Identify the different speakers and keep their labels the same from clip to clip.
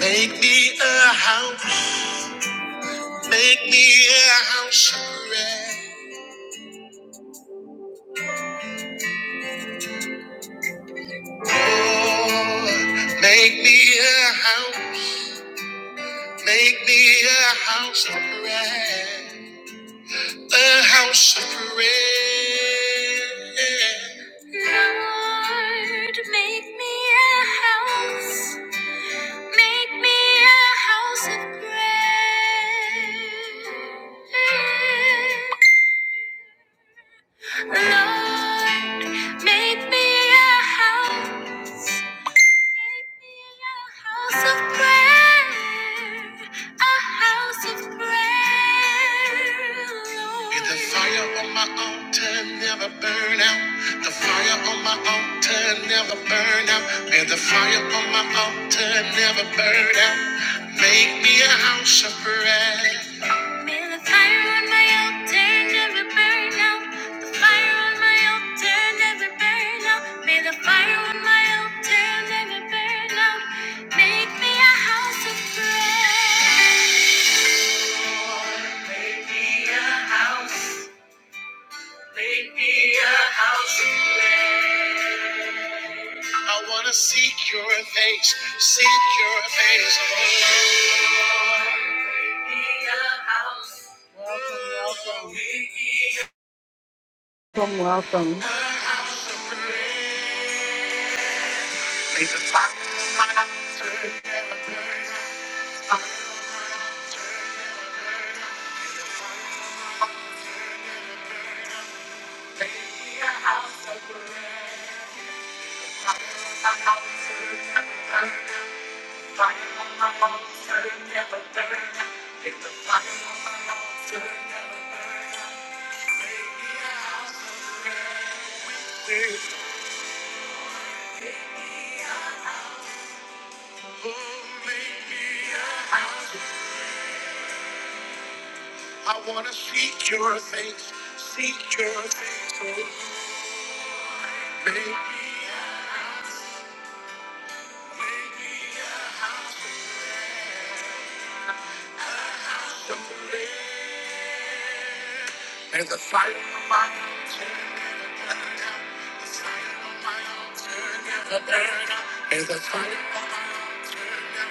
Speaker 1: Make me a house, make me a house of prayer. Lord, make me a house, make me a house of prayer. A house of prayer. Lord, make me a house, make me a house of prayer. Lord, make me a house. Make me a house of prayer. A house of prayer. Lord. May the fire on my altar never burn out. The fire on my altar never burn out. May the fire on my altar never burn out. Make me a house of prayer. May the fire on my altar never burn out. The fire on my altar never burn out. May the fire on my altar never burn out. Make me a house of prayer. I wanna seek your face, seek your face. Welcome, welcome. Oh, make me a house. I wanna seek your face, seek your face. Oh, make me something. There's a fire on my altar. There's a fire on the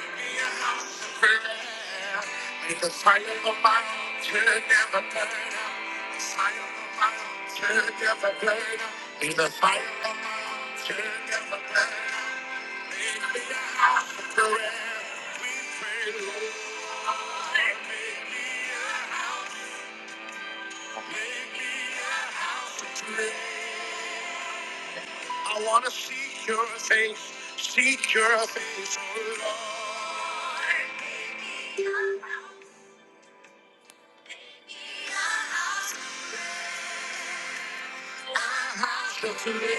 Speaker 1: burning house of prayer. There's a fire on my altar, never burn out. the fire on my altar, never burn out. There's a fire on my altar, never burn out. Be a house of prayer. Lord, make me free. I wanna see your face, see your face, oh Lord. So today,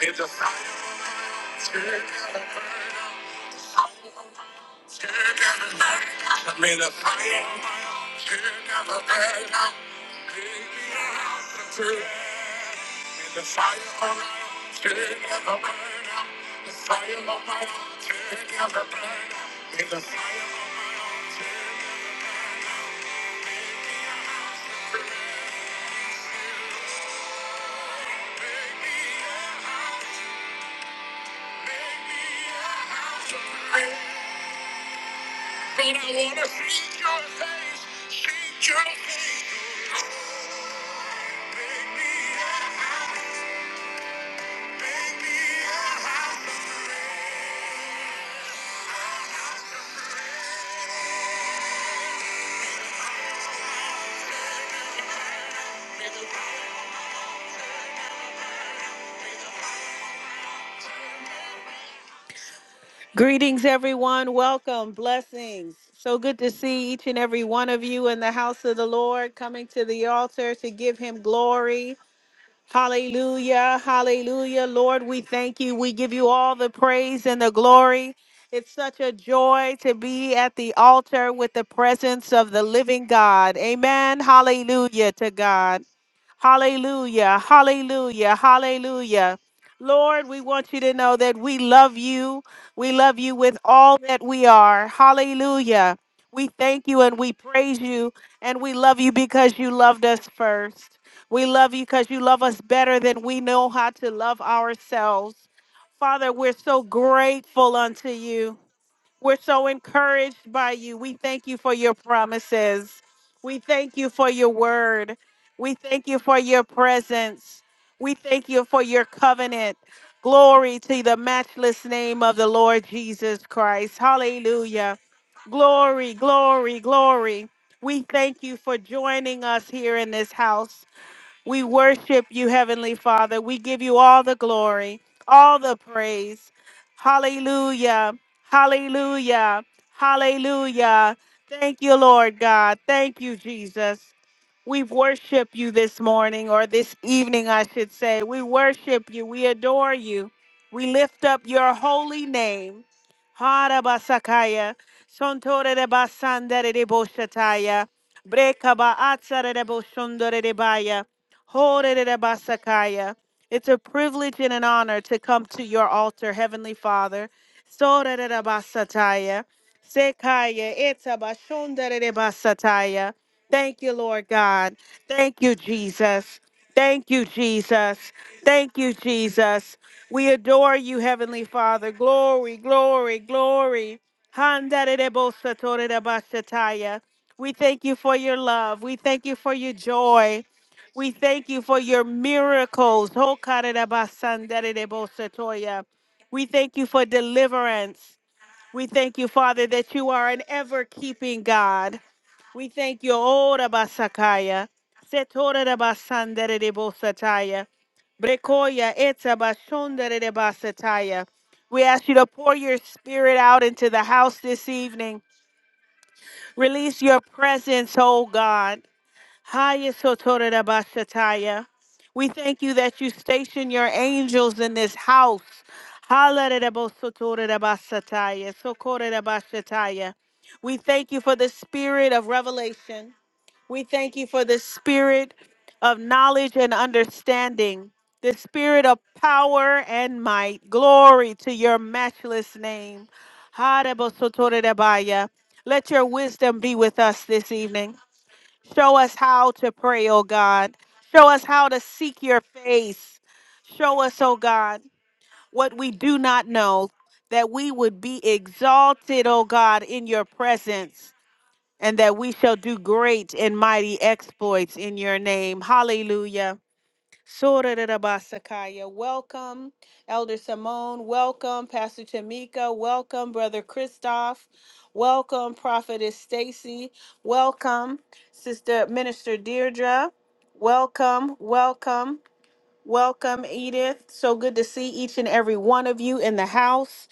Speaker 1: there's a fire. on my heart. I'm in a fire on my own. Should never burn out. Baby, I'm in a fire on my own. Should never burn out. The fire on my own. In the fire. Baby, I wanna see your face. See your face. Baby, I- baby, I- Greetings, everyone. Welcome. Blessings. So good to see each and every one of you in the house of the Lord coming to the altar to give him glory. Hallelujah. Hallelujah. Lord, we thank you. We give you all the praise and the glory. It's such a joy to be at the altar with the presence of the living God. Amen. Hallelujah to God. Hallelujah. Hallelujah. Hallelujah. Lord, we want you to know that we love you. We love you with all that we are. Hallelujah. We thank you and we praise you and we love you because you loved us first. We love you because you love us better than we know how to love ourselves. Father, we're so grateful unto you. We're so encouraged by you. We thank you for your promises. We thank you for your word. We thank you for your presence. We thank you for your covenant. Glory to the matchless name of the Lord Jesus Christ. Hallelujah. Glory, glory, glory. We thank you for joining us here in this house. We worship you, Heavenly Father. We give you all the glory, all the praise. Hallelujah. Hallelujah. Hallelujah. Thank you, Lord God. Thank you, Jesus. We worship you this morning or this evening, I should say. We worship you. We adore you. We lift up your holy name. Harabasakaya, Sontore de Basandere de Boshataya, Brekaba Atsare de Boshundore de Baya, Hore de Basakaya. It's a privilege and an honor to come to your altar, Heavenly Father. Sore de Basataya. Sekaya eta bashundere basataya. Thank you, Lord God. Thank you, Jesus. Thank you, Jesus. Thank you, Jesus. We adore you, Heavenly Father. Glory, glory, glory. Handere bosatore basataya. We thank you for your love. We thank you for your joy. We thank you for your miracles. Hokare basandere bosatoya. We thank you for deliverance. We thank you, Father, that you are an ever keeping God. We thank you, Ora Basakaya, Setora da Basandere de Bosataya, Brekoya Eta Bashondere de Basataya. We ask you to pour your spirit out into the house this evening. Release your presence, oh God. Haya sotore da We thank you that you station your angels in this house. Halare da bosotore da bashataya, sokore da We thank you for the spirit of revelation. We thank you for the spirit of knowledge and understanding, the spirit of power and might. Glory to your matchless name. Hare bosotore da baya. Let your wisdom be with us this evening. Show us how to pray, oh God. Show us how to seek your face. Show us, oh God, what we do not know, that we would be exalted, oh God, in your presence, and that we shall do great and mighty exploits in your name. Hallelujah. Sorarabasakaya. Welcome, Elder Simone. Welcome, Pastor Tamika. Welcome, Brother Christoph. Welcome, Prophetess Stacy. Welcome, Sister Minister Deirdre. Welcome, welcome, welcome, Edith. So good to see each and every one of you in the house.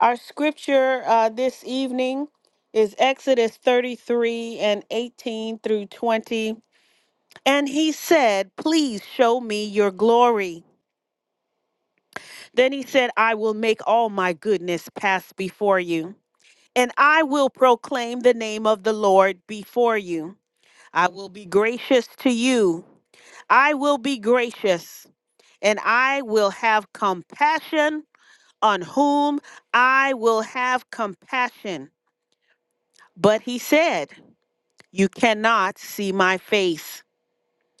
Speaker 1: Our scripture uh, this evening is Exodus 33 and 18 through 20. And he said, Please show me your glory. Then he said, I will make all my goodness pass before you, and I will proclaim the name of the Lord before you. I will be gracious to you. I will be gracious, and I will have compassion on whom I will have compassion. But he said, You cannot see my face,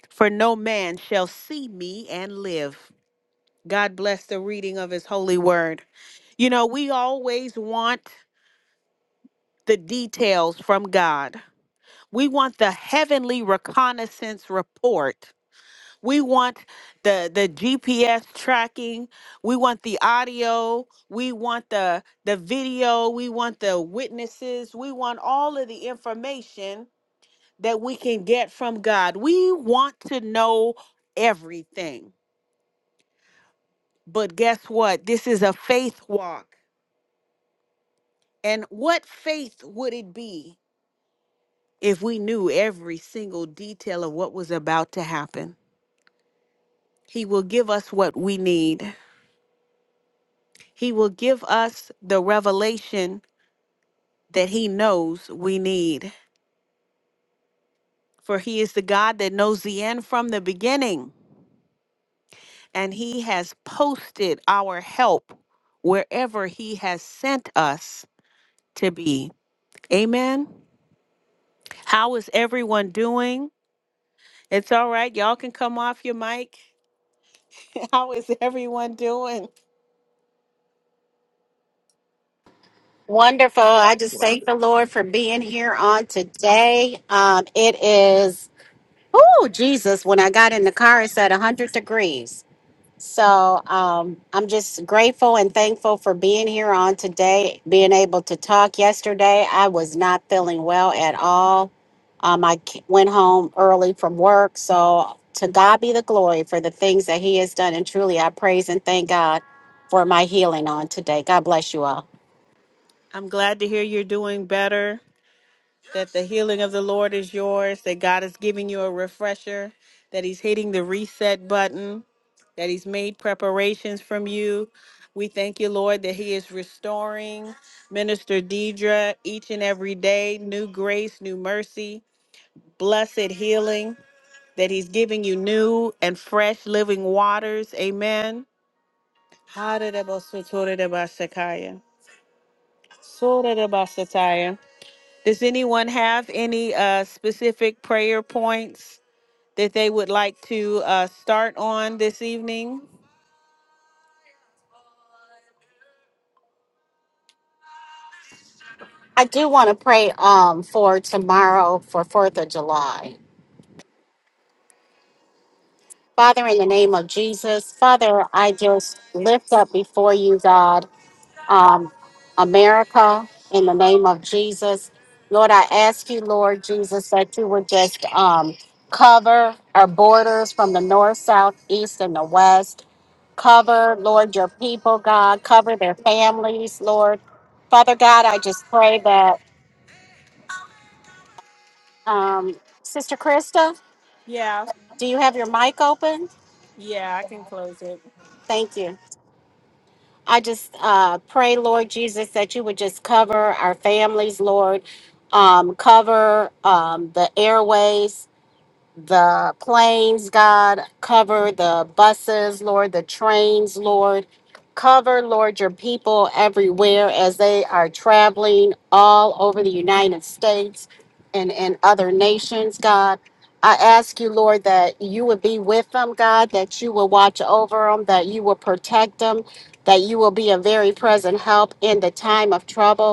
Speaker 1: for no man shall see me and live. God bless the reading of his holy word. You know, we always want the details from God. We want the heavenly reconnaissance report. We want the the GPS tracking. We want the audio. We want the the video. We want the witnesses. We want all of the information that we can get from God. We want to know everything. But guess what? This is a faith walk. And what faith would it be if we knew every single detail of what was about to happen? He will give us what we need. He will give us the revelation that He knows we need. For He is the God that knows the end from the beginning, and He has posted our help wherever He has sent us to be. Amen. How is everyone doing? It's all right. Y'all can come off your mic. How is everyone doing?
Speaker 2: Wonderful. I just
Speaker 3: Well,
Speaker 2: thank the Lord for being here on today. Um, it is, oh, Jesus, when I got in the car, it's at 100 degrees. So um, I'm just grateful and thankful for being here on today, being able to talk. Yesterday, I was not feeling well at all. Um, I c- went home early from work. So to God be the glory for the things that He has done. And truly, I praise and thank God for my healing on today. God bless you all.
Speaker 1: I'm glad to hear you're doing better, that the healing of the Lord is yours, that God is giving you a refresher, that He's hitting the reset button, that He's made preparations from you. We thank you, Lord, that He is restoring Minister Deidre each and every day, new grace, new mercy, blessed healing, that He's giving you new and fresh living waters. Amen. Sorarabasataya. Does anyone have any uh, specific prayer points that they would like to uh, start on this evening?
Speaker 2: I do want to pray um for tomorrow for 4th of July. Father, in the name of Jesus, Father, I just lift up before you, God, um, America, in the name of Jesus. Lord, I ask you, Lord Jesus, that you would just um, cover our borders from the north, south, east, and the west. Cover, Lord, your people, God. Cover their families, Lord. Father God, I just pray that um, Sister Krista,
Speaker 1: Yeah,
Speaker 2: Do you have your mic open?
Speaker 1: yeah, I can close it.
Speaker 2: Thank you. I just uh, pray, Lord Jesus, that you would just cover our families, Lord, um, cover um, the airways, the planes, God, cover the buses, Lord, the trains, Lord. Cover, Lord, your people everywhere as they are traveling all over the United States and, and other nations, God. I ask you, Lord, that you would be with them, God, that you will watch over them, that you will protect them, that you will be a very present help in the time of trouble.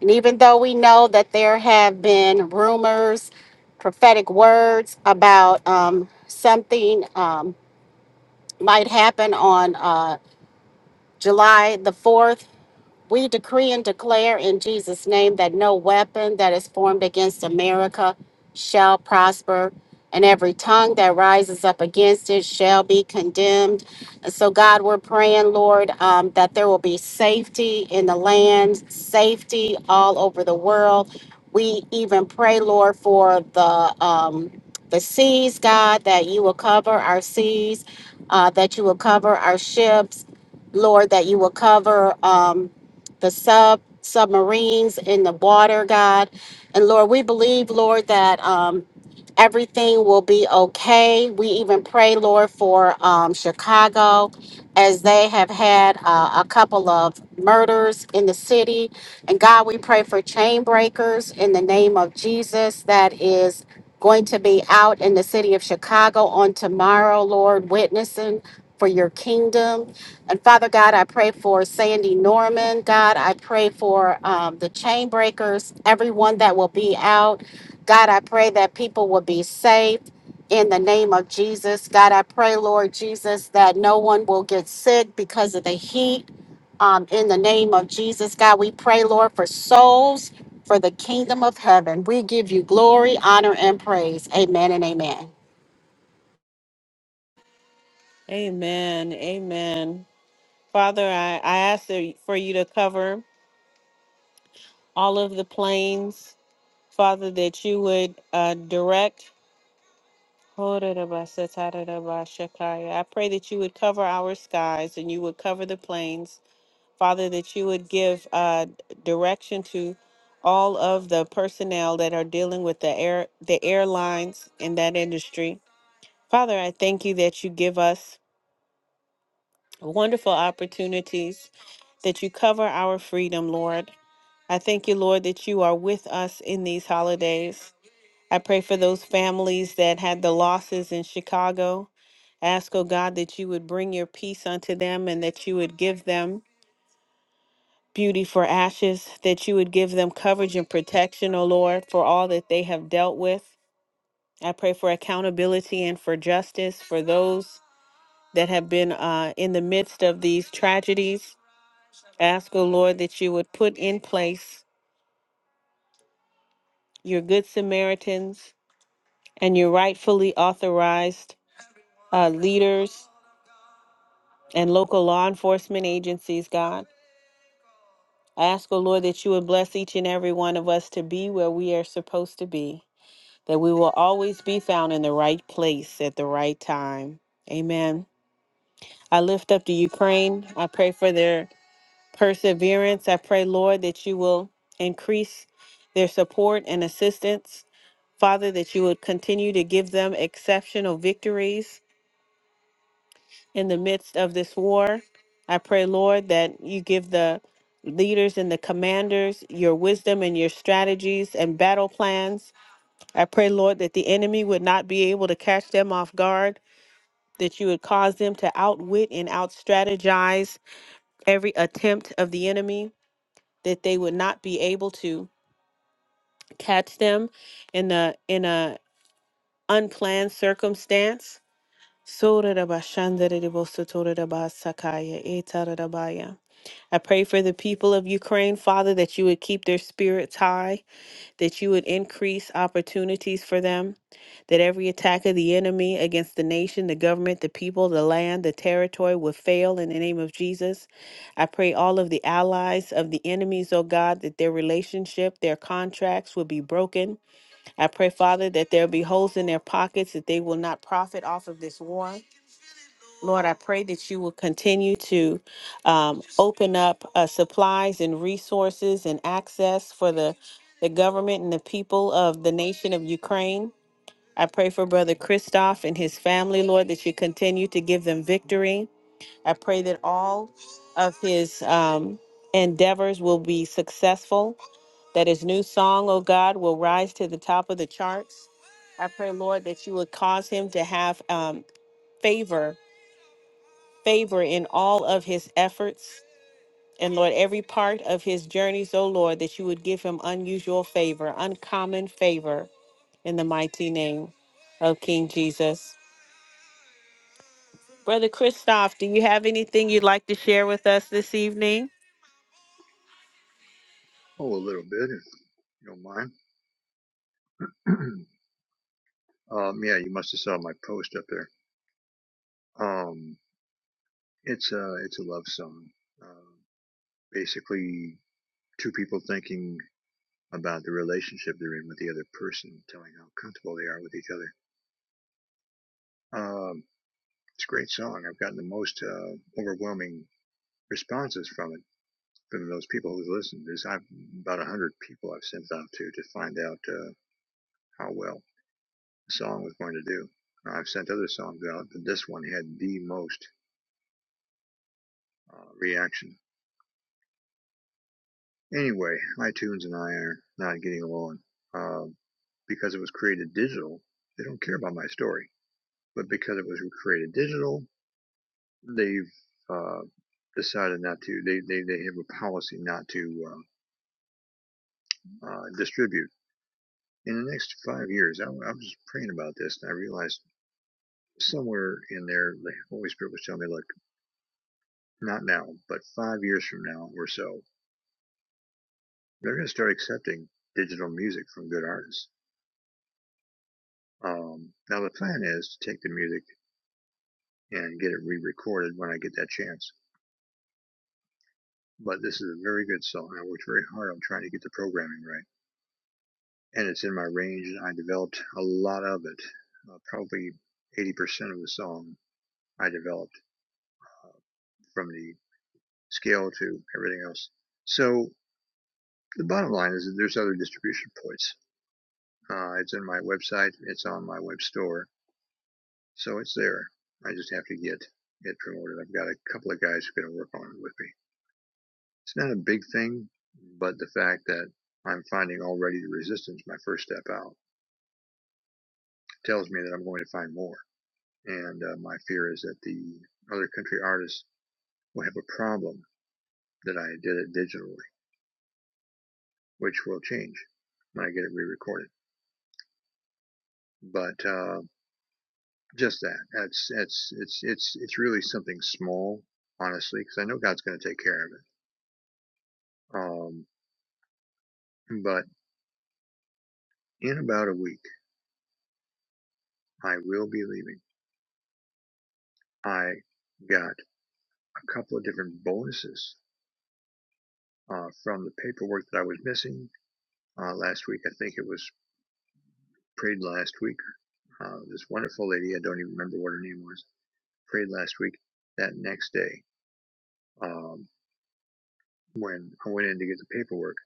Speaker 2: And even though we know that there have been rumors, prophetic words about um, something um, might happen on uh, July the 4th, we decree and declare in Jesus' name that no weapon that is formed against America shall prosper, and every tongue that rises up against it shall be condemned. And so, God, we're praying, Lord, um, that there will be safety in the land, safety all over the world. We even pray, Lord, for the um, the seas, God, that you will cover our seas, uh, that you will cover our ships, Lord, that you will cover. Um, the sub submarines in the water, God. And Lord, we believe, Lord, that um, everything will be okay. We even pray, Lord, for um, Chicago as they have had uh, a couple of murders in the city. And God, we pray for chain breakers in the name of Jesus that is going to be out in the city of Chicago on tomorrow, Lord, witnessing for your kingdom. And Father God, I pray for Sandy Norman. God, I pray for um, the chain breakers, everyone that will be out. God, I pray that people will be saved in the name of Jesus. God, I pray, Lord Jesus, that no one will get sick because of the heat. Um, in the name of Jesus, God, we pray, Lord, for souls for the kingdom of heaven. We give you glory, honor, and praise. Amen and amen.
Speaker 1: Amen. Amen. Father, I, I ask that- for you to cover all of the planes, Father, that you would uh, direct. I pray that you would cover our skies and you would cover the planes. Father, that you would give uh, direction to all of the personnel that are dealing with the air, the airlines in that industry. Father, I thank you that you give us wonderful opportunities, that you cover our freedom, Lord. I thank you, Lord, that you are with us in these holidays. I pray for those families that had the losses in Chicago. Ask, oh God, that you would bring your peace unto them and that you would give them beauty for ashes, that you would give them coverage and protection, O Lord, for all that they have dealt with. I pray for accountability and for justice for those that have been uh, in the midst of these tragedies. Ask, O Lord, that you would put in place your good Samaritans and your rightfully authorized uh, leaders and local law enforcement agencies, God. I ask, O Lord, that you would bless each and every one of us to be where we are supposed to be. that we will always be found in the right place at the right time. Amen. I lift up the Ukraine. I pray for their perseverance. I pray, Lord, that you will increase their support and assistance. Father, that you would continue to give them exceptional victories in the midst of this war. I pray, Lord, that you give the leaders and the commanders your wisdom and your strategies and battle plans I pray, Lord, that the enemy would not be able to catch them off guard, that you would cause them to outwit and outstrategize every attempt of the enemy, that they would not be able to catch them in a in a unplanned circumstance. I pray for the people of Ukraine, Father, that you would keep their spirits high, that you would increase opportunities for them, that every attack of the enemy against the nation, the government, the people, the land, the territory would fail in the name of Jesus. I pray all of the allies of the enemies, oh God, that their relationship, their contracts would be broken. I pray, Father, that there be holes in their pockets, that they will not profit off of this war. Lord, I pray that you will continue to um, open up uh, supplies and resources and access for the, the government and the people of the nation of Ukraine. I pray for Brother Christoph and his family, Lord, that you continue to give them victory. I pray that all of his um, endeavors will be successful, that his new song, oh God, will rise to the top of the charts. I pray, Lord, that you would cause him to have um, favor favor in all of his efforts. And Lord, every part of his journeys, oh Lord, that you would give him unusual favor, uncommon favor in the mighty name of King Jesus. Brother Christoph, do you have anything you'd like to share with us this evening?
Speaker 3: oh, a little bit, if you don't mind. um, yeah, you must have saw my post up there. Um, it's a it's a love song. Uh, basically, two people thinking about the relationship they're in with the other person, telling how comfortable they are with each other. Um, it's a great song. I've gotten the most uh, overwhelming responses from it from those people who listened. There's I've, about a hundred people I've sent it out to to find out uh, how well song was going to do. I've sent other songs out, but this one had the most uh, reaction. Anyway, iTunes and I are not getting along. Um, because it was created digital, they don't care about my story. But because it was created digital, they've uh, decided not to. They, they they have a policy not to uh, uh, distribute. In the next five years, I, I was praying about this, and I realized somewhere in there, the Holy Spirit was telling me, "Look, not now, but five years from now or so, they're going to start accepting digital music from good artists. Um, now the plan is to take the music and get it re-recorded when I get that chance. But this is a very good song. I worked very hard on trying to get the programming right, and it's in my range. And I developed a lot of it. Uh, probably 80% of the song I developed uh, from the scale to everything else. So the bottom line is that there's other distribution points. Uh, it's in my website. It's on my web store So it's there. I just have to get it promoted. I've got a couple of guys who are going to work on it with me. It's not a big thing, but the fact that I'm finding already the resistance, my first step out, tells me that I'm going to find more. And uh, my fear is that the other country artists will have a problem that I did it digitally, which will change when I get it re-recorded. But uh, just that, that's that's it's it's it's really something small, honestly, because I know God's going to take care of it. Um, but In about a week, I will be leaving. I got a couple of different bonuses uh, from the paperwork that I was missing uh, last week. I think it was prayed last week. Uh, this wonderful lady, I don't even remember what her name was, prayed last week. That next day, um, when I went in to get the paperwork,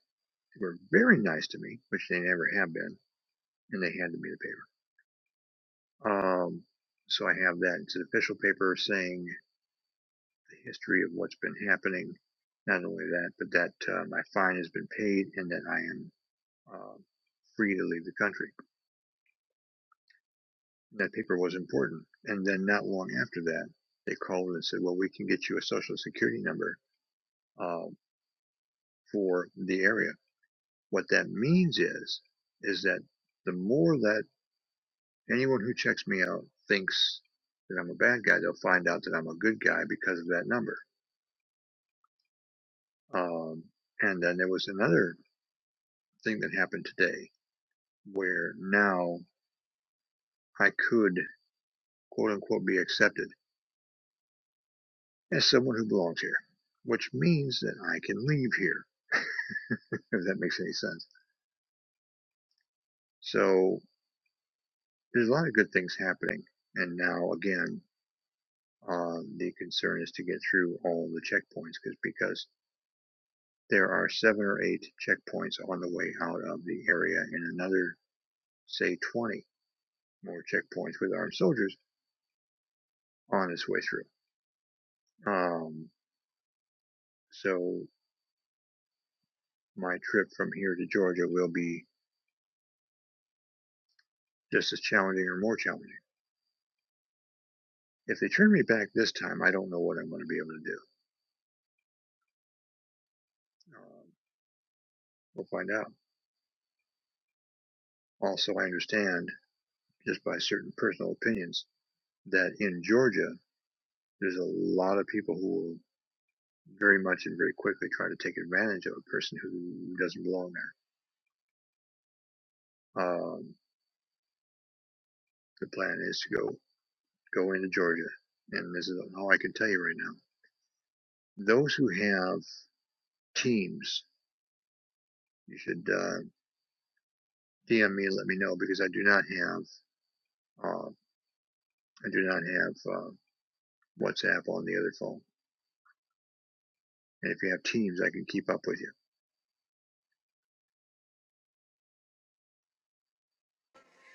Speaker 3: they were very nice to me, which they never have been, and they handed me the paper. Um, so I have that. It's an official paper saying the history of what's been happening. Not only that, but that uh, my fine has been paid and that I am uh, free to leave the country. That paper was important. And then not long after that, they called and said, well, we can get you a social security number uh, for the area. What that means is, is that the more that anyone who checks me out thinks that I'm a bad guy, they'll find out that I'm a good guy because of that number. Um, and then there was another thing that happened today where now I could, quote unquote, be accepted as someone who belongs here, which means that I can leave here, if that makes any sense. So there's a lot of good things happening. And now, again, um, the concern is to get through all the checkpoints cause, because there are seven or eight checkpoints on the way out of the area and another, say, 20 more checkpoints with armed soldiers on its way through. Um, so my trip from here to Georgia will be just as challenging or more challenging. If they turn me back this time, I don't know what I'm going to be able to do. Um, we'll find out. Also, I understand just by certain personal opinions that in Georgia, there's a lot of people who will very much and very quickly try to take advantage of a person who doesn't belong there. Um, the plan is to go go into Georgia, and this is all I can tell you right now. Those who have teams, you should uh, DM me and let me know because I do not have uh, I do not have. uh, WhatsApp on the other phone. And if you have Teams, I can keep up with you.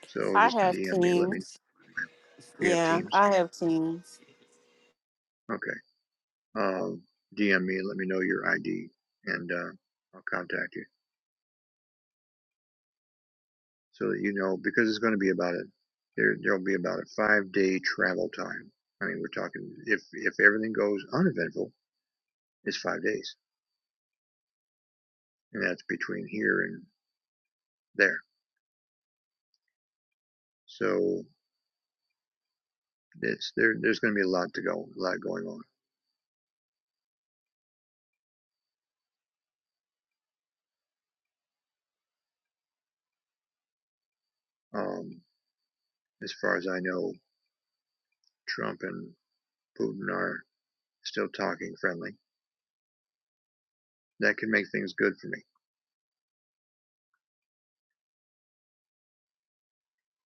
Speaker 3: So
Speaker 1: I
Speaker 3: just
Speaker 1: have
Speaker 3: DM me. Let me.
Speaker 1: teams.
Speaker 3: You have
Speaker 1: Yeah,
Speaker 3: Teams?
Speaker 1: I have teams.
Speaker 3: Okay. Um, DM me. Let me know your ID, and uh, I'll contact you so that you know because it's going to be about it. There, there'll be about a five day travel time. I mean, we're talking if if everything goes uneventful, it's five days, and that's between here and there. So it's there. There's going to be a lot to go, a lot going on. Um, as far as I know, Trump and Putin are still talking friendly. That could make things good for me.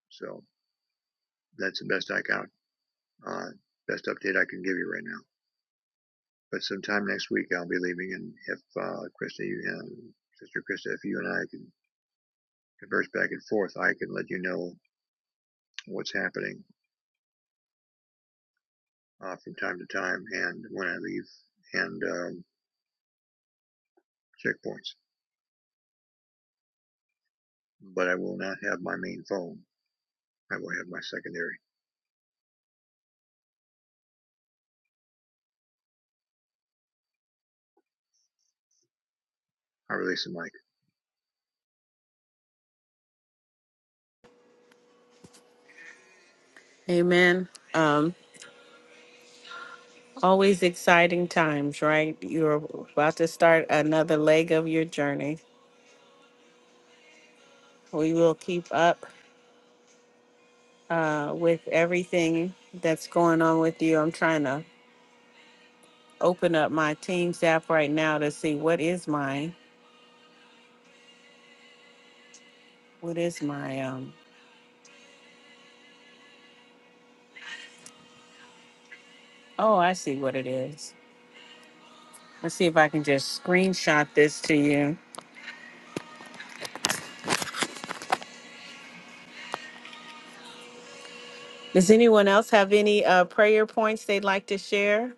Speaker 3: So that's the best I got. Uh, best update I can give you right now. But sometime next week I'll be leaving, and if uh, Krista, you and Sister Krista, if you and I can converse back and forth, I can let you know what's happening uh, from time to time and when I leave and um, checkpoints. But I will not have my main phone. I will have my secondary. I release the mic.
Speaker 1: Amen. Um, always exciting times, right? You're about to start another leg of your journey. We will keep up uh, with everything that's going on with you. I'm trying to open up my Teams app right now to see what is my what is my um. Oh, I see what it is. Let's see if I can just screenshot this to you. Does anyone else have any uh, prayer points they'd like to share?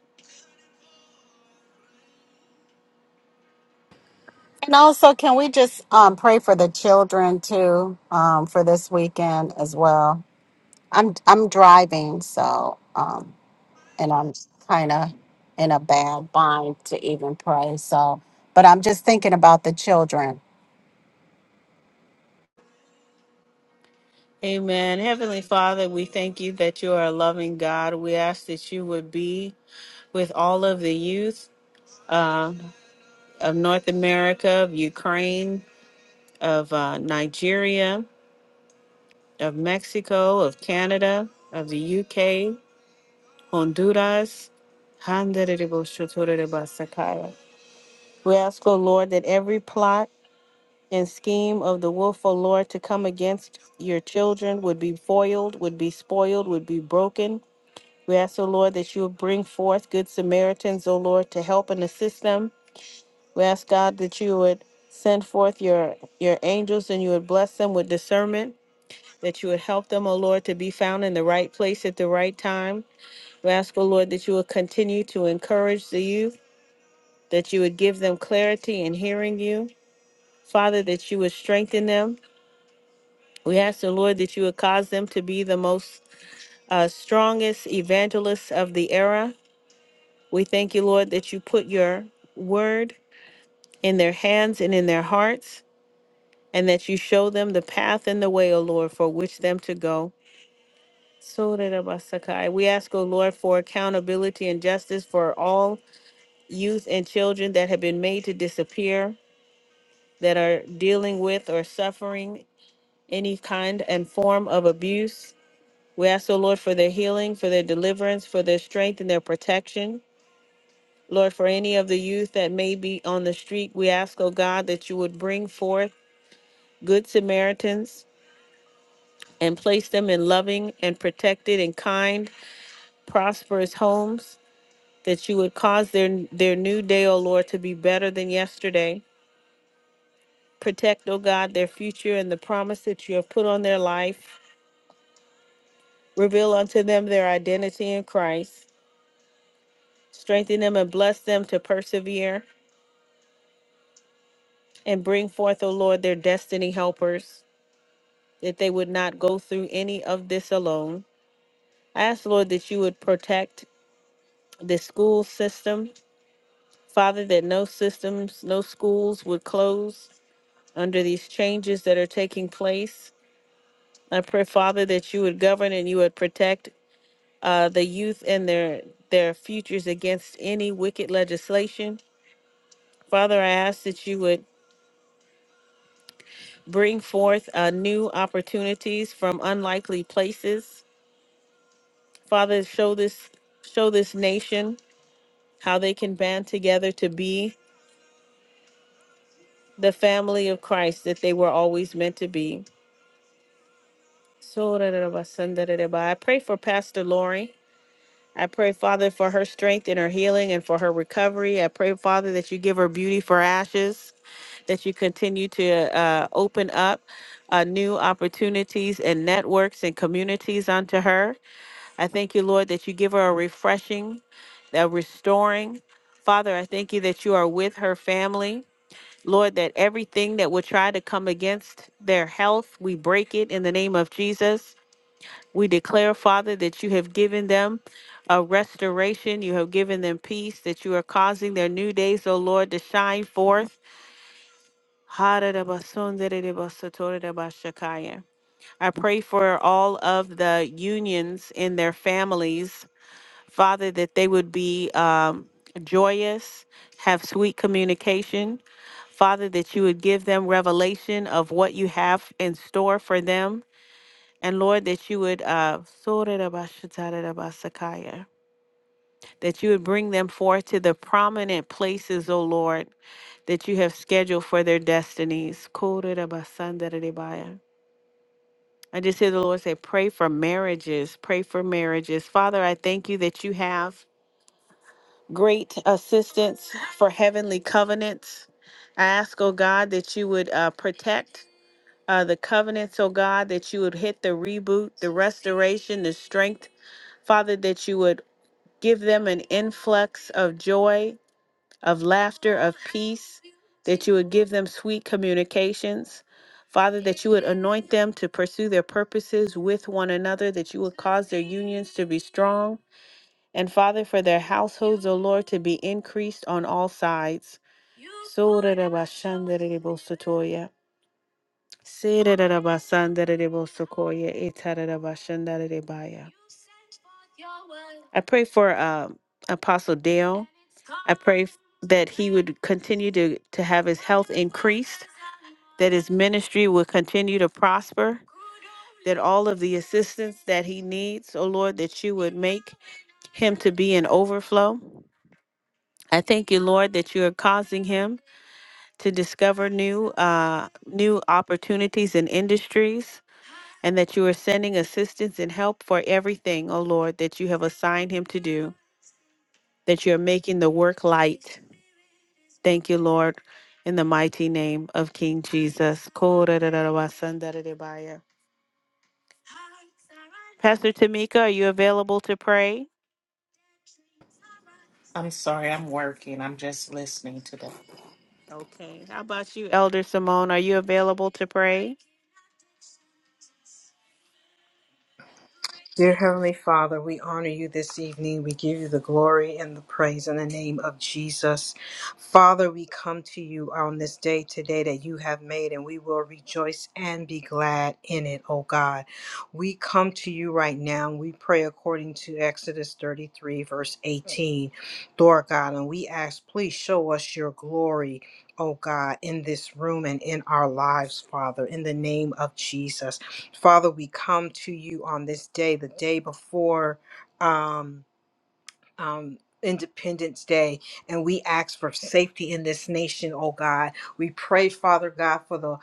Speaker 2: And also, can we just um, pray for the children too um, for this weekend as well? I'm I'm driving, so um, and I'm kind of in a bad bind to even pray. So, but I'm just thinking about the children.
Speaker 1: Amen. Heavenly Father, we thank you that you are a loving God. We ask that you would be with all of the youth uh, of North America, of Ukraine, of uh, Nigeria, of Mexico, of Canada, of the UK, Honduras. Handariboshotorebasakaya. We ask, O Lord, that every plot and scheme of the wolf, O Lord, to come against your children would be foiled, would be spoiled, would be broken. We ask, O Lord, that you would bring forth good Samaritans, O Lord, to help and assist them. We ask, God, that you would send forth your, your angels and you would bless them with discernment that you would help them, O Lord, to be found in the right place at the right time. We ask, O Lord, that you would continue to encourage the youth, that you would give them clarity in hearing you. Father, that you would strengthen them. We ask the Lord that you would cause them to be the most uh, strongest evangelists of the era. We thank you, Lord, that you put your word in their hands and in their hearts, and that you show them the path and the way, O Lord, for which them to go. So did We ask, O Lord, for accountability and justice for all youth and children that have been made to disappear, that are dealing with or suffering any kind and form of abuse. We ask, O Lord, for their healing, for their deliverance, for their strength and their protection. Lord, for any of the youth that may be on the street, we ask, O God, that you would bring forth good Samaritans and place them in loving and protected and kind, prosperous homes. that you would cause their their new day, O Lord, to be better than yesterday. Protect, O God, their future and the promise that you have put on their life. Reveal unto them their identity in Christ. Strengthen them and bless them to persevere and bring forth, O Lord, their destiny helpers, that they would not go through any of this alone. I ask, Lord, that you would protect the school system. Father, that no systems, no schools would close under these changes that are taking place. I pray, Father, that you would govern and you would protect uh, the youth and their their futures against any wicked legislation. Father, I ask that you would bring forth uh, new opportunities from unlikely places. Father, show this show this nation how they can band together to be the family of Christ that they were always meant to be. So I pray for Pastor Lori. I pray, Father, for her strength and her healing and for her recovery. I pray, Father, that you give her beauty for ashes, that you continue to uh, open up uh, new opportunities and networks and communities unto her. I thank you, Lord, that you give her a refreshing, a restoring. Father, I thank you that you are with her family. Lord, that everything that would try to come against their health, we break it in the name of Jesus. We declare, Father, that you have given them a restoration. You have given them peace, that you are causing their new days, O Lord, to shine forth. I pray for all of the unions in their families, Father, that they would be um, joyous, have sweet communication. Father, that you would give them revelation of what you have in store for them. And Lord, that you would uh Sorarabashatarabasakaya, that you would bring them forth to the prominent places, O Lord, that you have scheduled for their destinies. Korarabasandarabaya. I just hear the Lord say, pray for marriages, pray for marriages. Father, I thank you that you have great assistance for heavenly covenants. I ask, oh God, that you would uh, protect uh, the covenants, oh God, that you would hit the reboot, the restoration, the strength Father, that you would give them an influx of joy, of laughter, of peace, that you would give them sweet communications. Father, that you would anoint them to pursue their purposes with one another, that you would cause their unions to be strong. And Father, for their households, O Lord, to be increased on all sides. Sorarabashandarebosotoya. Sirararabasandarerebosokoye, itararabashandarerebaya. I pray for um, Apostle Dale. I pray f- that he would continue to, to have his health increased, that his ministry would continue to prosper, that all of the assistance that he needs, oh Lord, that you would make him to be in overflow. I thank you, Lord, that you are causing him to discover new uh, new opportunities and industries and that you are sending assistance and help for everything, O Lord, that you have assigned him to do, that you're making the work light. Thank you, Lord, in the mighty name of King Jesus. Ko-ra-ra-ra-ra-wa-san-da-ra-ra-ba-ya. Pastor Tamika, are you available to pray?
Speaker 4: I'm sorry, I'm working. I'm just listening to them.
Speaker 1: Okay. How about you, Elder Simone? Are you available to pray?
Speaker 5: Dear Heavenly Father, we honor you this evening. We give you the glory and the praise in the name of Jesus. Father, we come to you on this day today that you have made, and we will rejoice and be glad in it, oh God. We come to you right now. and We pray according to Exodus 33, verse 18. Lord God, and we ask, please show us your glory. Oh God, in this room and in our lives, Father, in the name of Jesus. Father, we come to you on this day, the day before. Um, um, Independence Day, and we ask for safety in this nation, oh God. We pray, Father God, for the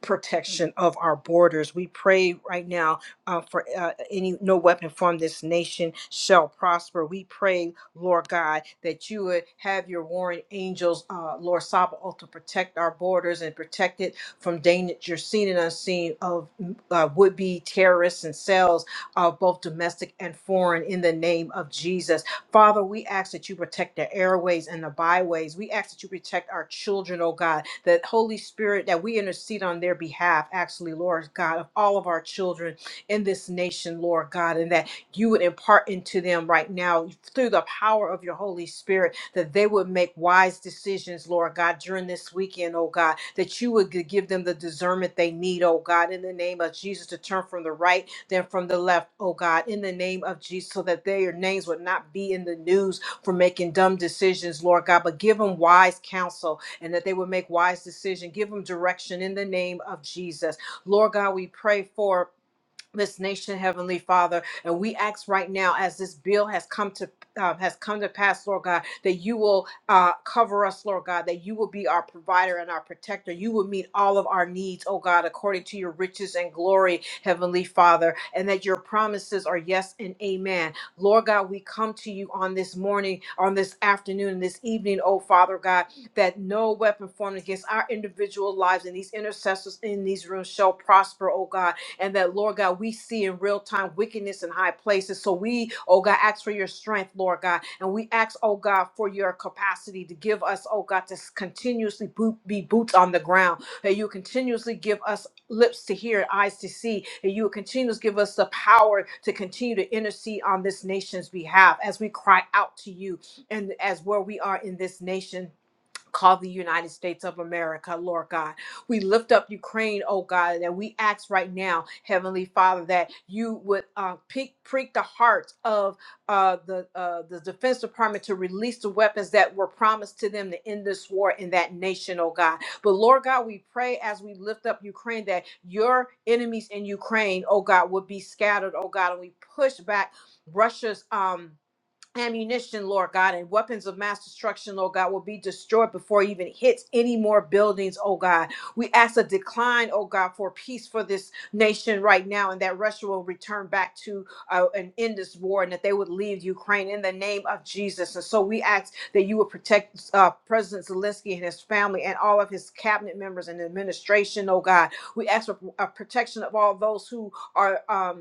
Speaker 5: protection of our borders. We pray right now uh, for uh, any no weapon from this nation shall prosper. We pray, Lord God, that you would have your warring angels, uh, Lord Sabaoth, to protect our borders and protect it from danger seen and unseen of uh, would-be terrorists and cells of both domestic and foreign in the name of Jesus. Father, we ask that you protect the airways and the byways. We ask that you protect our children, oh God, that Holy Spirit, that we intercede on their behalf, actually, Lord God, of all of our children in this nation, Lord God, and that you would impart into them right now through the power of your Holy Spirit that they would make wise decisions, Lord God, during this weekend, oh God, that you would gi- give them the discernment they need, oh God, in the name of Jesus, to turn from the right than from the left, oh God, in the name of Jesus, so that their names would not be in the news for making dumb decisions, Lord God, but give them wise counsel and that they would make wise decisions. Give them direction in the name of Jesus. Lord God, we pray for this nation, Heavenly Father. And we ask right now, as this bill has come to uh, has come to pass, Lord God, that you will uh, cover us, Lord God, that you will be our provider and our protector. You will meet all of our needs, oh God, according to your riches and glory, Heavenly Father, and that your promises are yes and amen. Lord God, we come to you on this morning, on this afternoon, and this evening, oh Father God, that no weapon formed against our individual lives and these intercessors in these rooms shall prosper, oh God and that, Lord God, we see in real time wickedness in high places. So we, oh God, ask for your strength, Lord God, and we ask, oh God, for your capacity to give us, oh God, to s- continuously boot, be boots on the ground, that you continuously give us lips to hear, eyes to see, and you will continue to give us the power to continue to intercede on this nation's behalf as we cry out to you and as where we are in this nation Call the United States of America, Lord God. We lift up Ukraine, oh God, and we ask right now, Heavenly Father, that you would uh, pick, prick the hearts of uh, the uh, the Defense Department to release the weapons that were promised to them to end this war in that nation, oh God. But Lord God, we pray as we lift up Ukraine that your enemies in Ukraine, oh God, would be scattered, oh God, and we push back Russia's um ammunition, Lord God, and weapons of mass destruction, Lord God, will be destroyed before it even hits any more buildings, oh God. We ask a decline, oh God, for peace for this nation right now, and that Russia will return back to uh, and end this war, and that they would leave Ukraine in the name of Jesus. And so we ask that you would protect uh, President Zelensky and his family and all of his cabinet members and administration, oh God. We ask for uh, protection of all those who are. Um,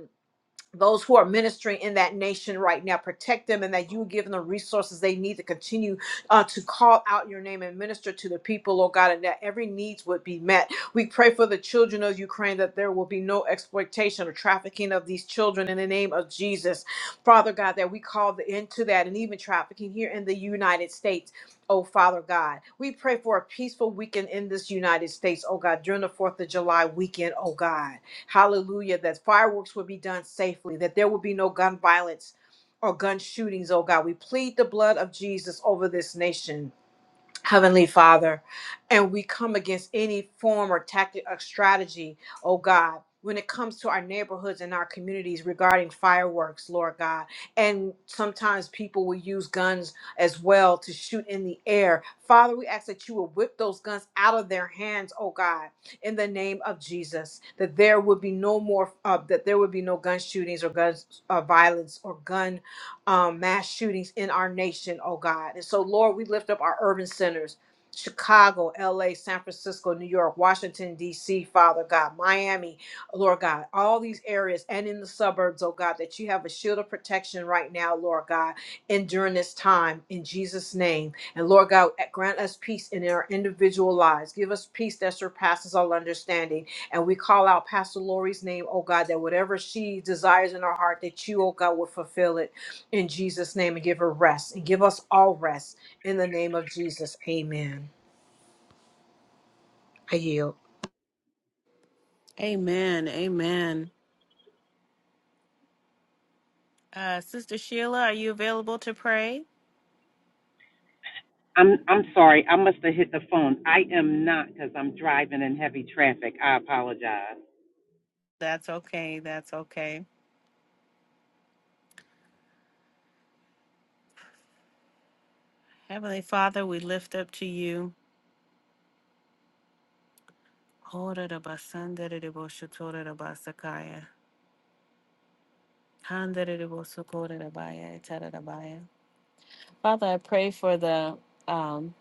Speaker 5: those who are ministering in that nation right now. Protect them and that you give them the resources they need to continue uh, to call out your name and minister to the people, Lord God, and that every needs would be met. We pray for the children of Ukraine that there will be no exploitation or trafficking of these children in the name of Jesus. Father God, that we call the end to that and even trafficking here in the United States. Oh, Father God, we pray for a peaceful weekend in this United States, oh God, during the 4th of July weekend, oh God. Hallelujah. That fireworks would be done safely, that there would be no gun violence or gun shootings, oh God. We plead the blood of Jesus over this nation. Heavenly Father, and we come against any form or tactic or strategy, oh God, when it comes to our neighborhoods and our communities regarding fireworks, Lord God. And sometimes people will use guns as well to shoot in the air. Father, we ask that you will whip those guns out of their hands, oh God, in the name of Jesus, that there would be no more, uh, that there would be no gun shootings or guns uh, violence or gun um, mass shootings in our nation, oh God. And so, Lord, we lift up our urban centers Chicago, LA, San Francisco, New York, Washington, D.C., Father God, Miami, Lord God, all these areas and in the suburbs, oh God, that you have a shield of protection right now, Lord God, and during this time, in Jesus' name. And Lord God, grant us peace in our individual lives. Give us peace that surpasses all understanding. And we call out Pastor Lori's name, oh God, that whatever she desires in her heart, that you, oh God, will fulfill it in Jesus' name and give her rest and give us all rest in the name of Jesus. Amen. I yield.
Speaker 1: Amen. Amen. Uh, Sister Sheila, are you available to pray?
Speaker 6: I'm I'm sorry. I must have hit the phone. I am not because I'm driving in heavy traffic. I apologize.
Speaker 1: That's okay. That's okay. Heavenly Father, we lift up to you. Hora da basanda de debosha da basakaya. Handa de debosu da baya, etara da baya. Father, I pray for the um,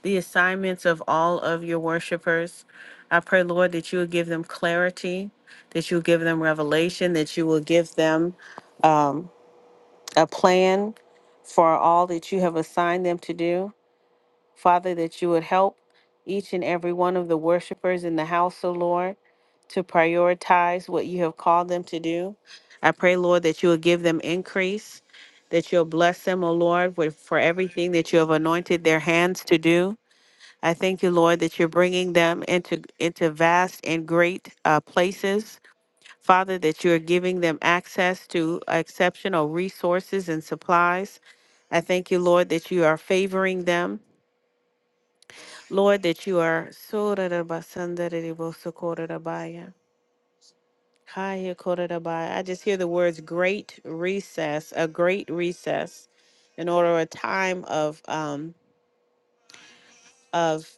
Speaker 1: the assignments of all of your worshipers. I pray, Lord, that you will give them clarity, that you will give them revelation, that you will give them um, a plan for all that you have assigned them to do. Father, that you would help each and every one of the worshipers in the house, O Lord, to prioritize what you have called them to do. I pray, Lord, that you will give them increase, that you'll bless them, O Lord, with, for everything that you have anointed their hands to do. I thank you, Lord, that you're bringing them into, into vast and great uh, places. Father, that you are giving them access to exceptional resources and supplies. I thank you, Lord, that you are favoring them Lord, that you are so da da ba san da da di bo so ko da da ba ya. Hi, Surarabasandaribosokorotabaya, Hayakoratabaya. I just hear the words great recess, a great recess, in order a time of um of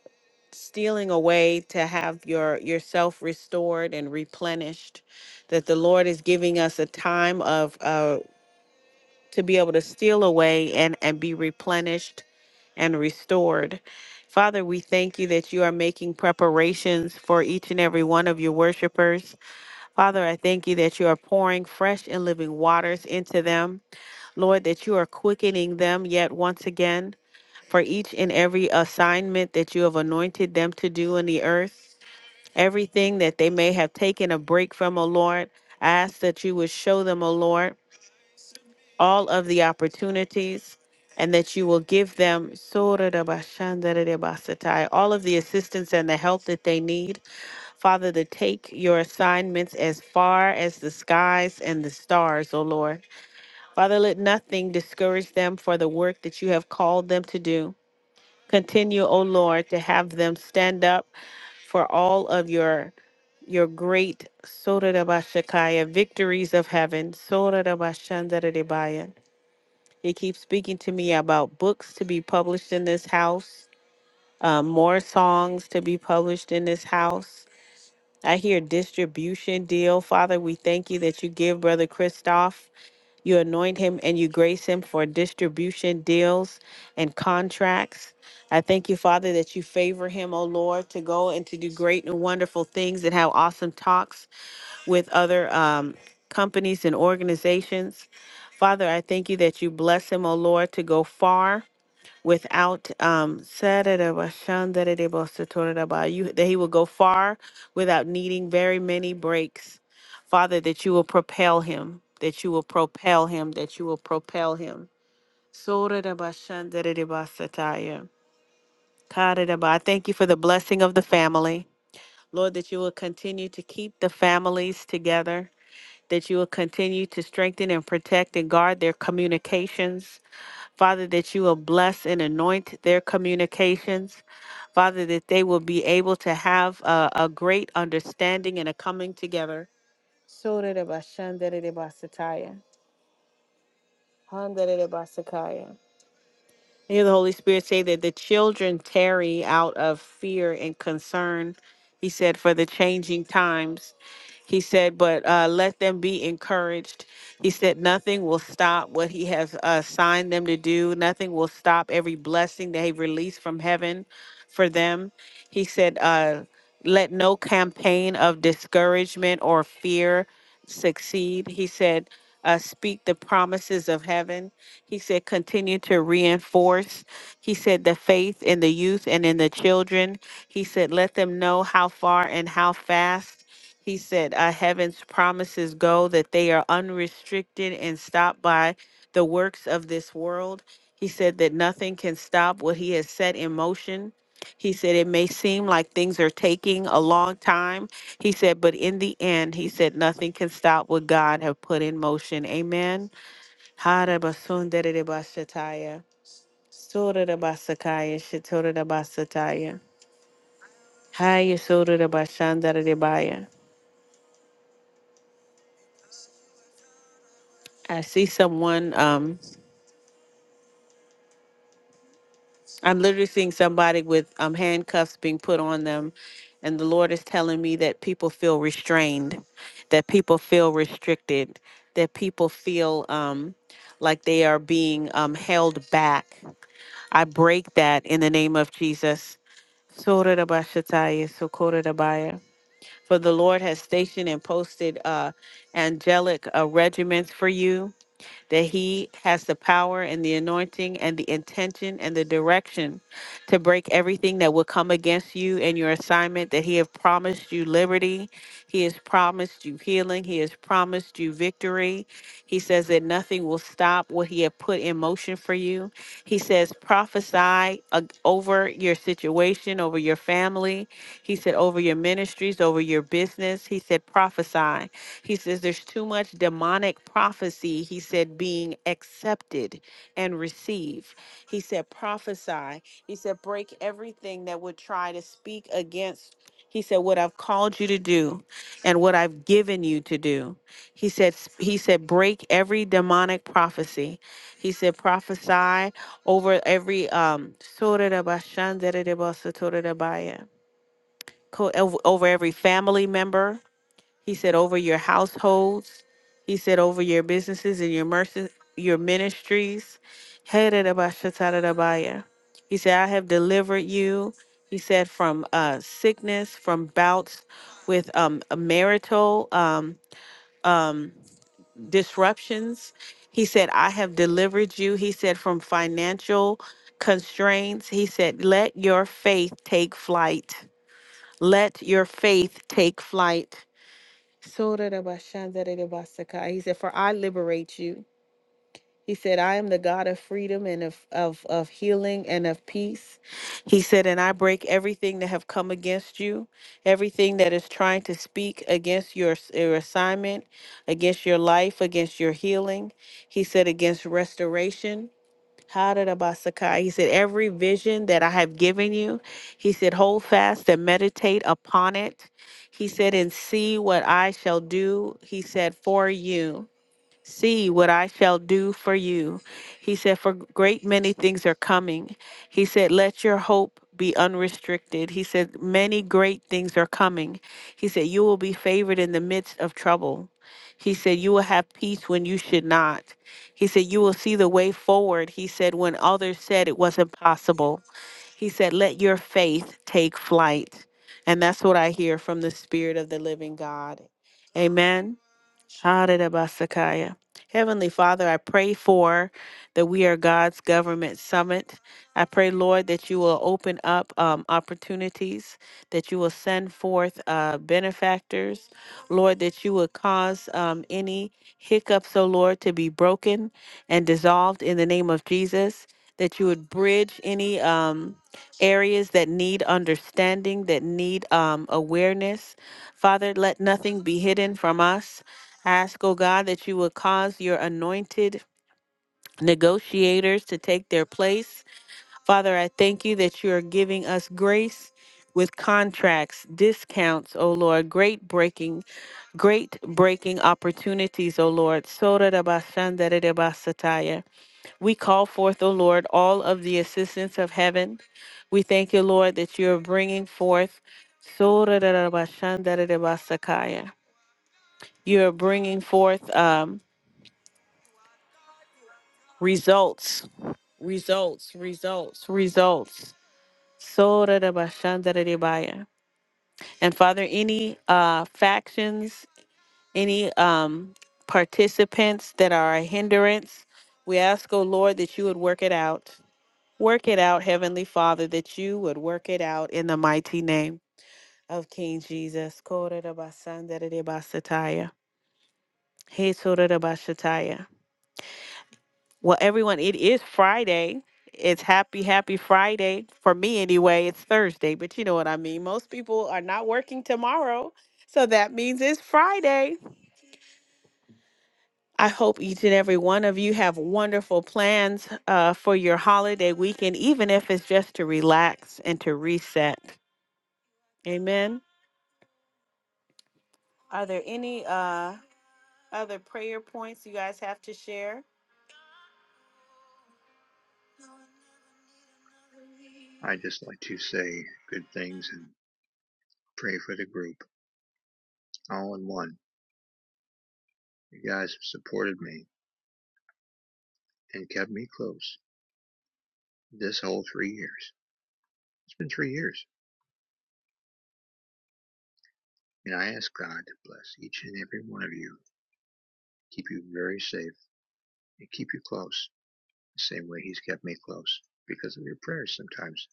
Speaker 1: stealing away to have your yourself restored and replenished that the lord is giving us a time of uh, to be able to steal away and, and be replenished and restored. Father, we thank you that you are making preparations for each and every one of your worshipers. Father, I thank you that you are pouring fresh and living waters into them. Lord, that you are quickening them yet once again for each and every assignment that you have anointed them to do in the earth. Everything that they may have taken a break from, O Lord, I ask that you would show them, O Lord all of the opportunities and that you will give them Sorarabashandarabasatai, all of the assistance and the help that they need. Father, to take your assignments as far as the skies and the stars, O Lord. Father, let nothing discourage them for the work that you have called them to do. Continue, O Lord, to have them stand up for all of your your great Sorarabashakaya victories of heaven. Sorarabashandaradebaya. He keeps speaking to me about books to be published in this house, um, more songs to be published in this house. I hear distribution deal. Father, we thank you that you give Brother Christoph, you anoint him and you grace him for distribution deals and contracts. I thank you, Father, that you favor him, O Lord, to go and to do great and wonderful things and have awesome talks with other um, companies and organizations. Father, I thank you that you bless him, O Lord, to go far without um Sarada-ba-shandarede-ba-satorada-ba, you that he will go far without needing very many breaks. Father, that you will propel him, that you will propel him, that you will propel him. Sorada-ba-shandarede-ba-sataya. Karada-ba. I thank you for the blessing of the family. Lord, that you will continue to keep the families together that you will continue to strengthen and protect and guard their communications. Father, that you will bless and anoint their communications. Father, that they will be able to have a, a great understanding and a coming together. Sorere bashandere basataya, handere basakaya. Hear the Holy Spirit say that the children tarry out of fear and concern. He said, for the changing times. He said, but uh, let them be encouraged. He said, nothing will stop what He has assigned them to do. Nothing will stop every blessing that He released from heaven for them. He said, uh, let no campaign of discouragement or fear succeed. He said, uh, Speak the promises of heaven. He said, Continue to reinforce. He said, The faith in the youth and in the children. He said, Let them know how far and how fast. He said, uh, Heaven's promises go, that they are unrestricted and stopped by the works of this world. He said that nothing can stop what he has set in motion. He said, It may seem like things are taking a long time. He said, But in the end, he said, Nothing can stop what God have put in motion. Amen. Harabasundaridabashataya, soradabasakaya, shatoradabasataya, hayasodadabashandaridabaya. I see someone. Um, I'm literally seeing somebody with um, handcuffs being put on them. And the Lord is telling me that people feel restrained, that people feel restricted, that people feel um, like they are being um, held back. I break that in the name of Jesus. Sorarabashataya, sokorarabaya. For the Lord has stationed and posted uh, angelic uh, regiments for you that he has the power and the anointing and the intention and the direction to break everything that will come against you and your assignment, that he has promised you liberty, he has promised you healing, he has promised you victory, he says that nothing will stop what he had put in motion for you. He says, prophesy uh, over your situation, over your family. He said, over your ministries, over your business. He said, prophesy. He says, there's too much demonic prophecy. He said, being accepted and received. He said, prophesy. He said, break everything that would try to speak against. He said, what I've called you to do and what I've given you to do. He said he said break every demonic prophecy. He said prophesy over every um over every family member he said, over your households. He said, over your businesses and your mercy, your ministries. Heredabashatadabaya. He said, I have delivered you. He said, from uh, sickness, from bouts with um, marital um, um, disruptions. He said, I have delivered you. He said, from financial constraints. He said, let your faith take flight. Let your faith take flight. Sotarabashandarabasaka. He said, For I liberate you. He said, I am the God of freedom and of, of, of healing and of peace. He said, And I break everything that have come against you, everything that is trying to speak against your, s- your assignment, against your life, against your healing. He said, Against restoration. Hadadabasakai. He said, Every vision that I have given you, he said, hold fast and meditate upon it. He said, and see what I shall do, he said, for you. See what I shall do for you. He said, For great many things are coming. He said, Let your hope be unrestricted. He said, Many great things are coming. He said, You will be favored in the midst of trouble. He said, You will have peace when you should not. He said, You will see the way forward. He said, When others said it was impossible, he said, Let your faith take flight. And that's what I hear from the Spirit of the living God. Amen. Shadidabasakaya. Heavenly Father, I pray for the We Are God's Government Summit. I pray, Lord, that you will open up um, opportunities, that you will send forth uh, benefactors, Lord, that you will cause um, any hiccups, oh Lord, to be broken and dissolved in the name of Jesus, that you would bridge any um, areas that need understanding, that need um, awareness. Father, let nothing be hidden from us. Ask, O God, that you would cause your anointed negotiators to take their place. Father, I thank you that you are giving us grace with contracts, discounts, O Lord, great breaking, great breaking opportunities, O Lord. Sorarabashandarabasataya. We call forth, O Lord, all of the assistance of heaven. We thank you, Lord, that you are bringing forth. Sorarabashandarabasakaya. You are bringing forth. Um, results, results, results, results. Sora da bashanda da de baya. And Father, any uh, factions, any um, participants that are a hindrance, we ask, oh Lord, that you would work it out. Work it out, Heavenly Father, that you would work it out in the mighty name of King Jesus. Kora da basanda da de basataya. He sora da bashataya. Well, everyone, it is Friday. It's happy, happy Friday. For me, anyway, it's Thursday, but you know what I mean. Most people are not working tomorrow. So that means it's Friday. I hope each and every one of you have wonderful plans uh, for your holiday weekend, even if it's just to relax and to reset. Amen. Are there any uh, other prayer points you guys have to share?
Speaker 3: I just like to say good things and pray for the group. all in one. You guys have supported me and kept me close this whole three years. It's been three years. And I ask God to bless each and every one of you, keep you very safe, and keep you close the same way He's kept me close because of your prayers sometimes.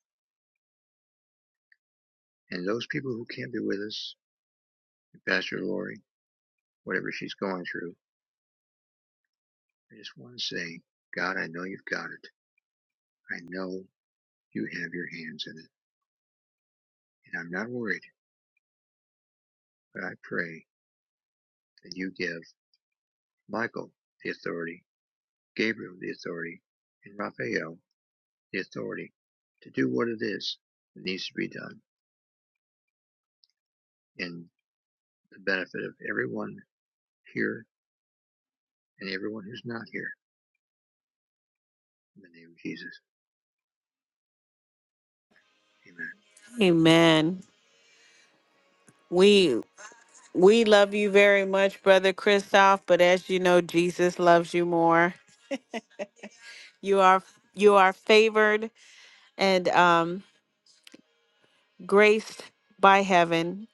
Speaker 3: And those people who can't be with us, Pastor Lori, whatever she's going through, I just want to say, God, I know you've got it. I know you have your hands in it. And I'm not worried, but I pray that you give Michael the authority Gabriel the authority, and Raphael the authority to do what it is that needs to be done in the benefit of everyone here and everyone who's not here. In the name of Jesus. Amen.
Speaker 1: Amen. We. We love you very much, Brother Christoph, but as you know, Jesus loves you more. You are you are favored and um, graced by heaven,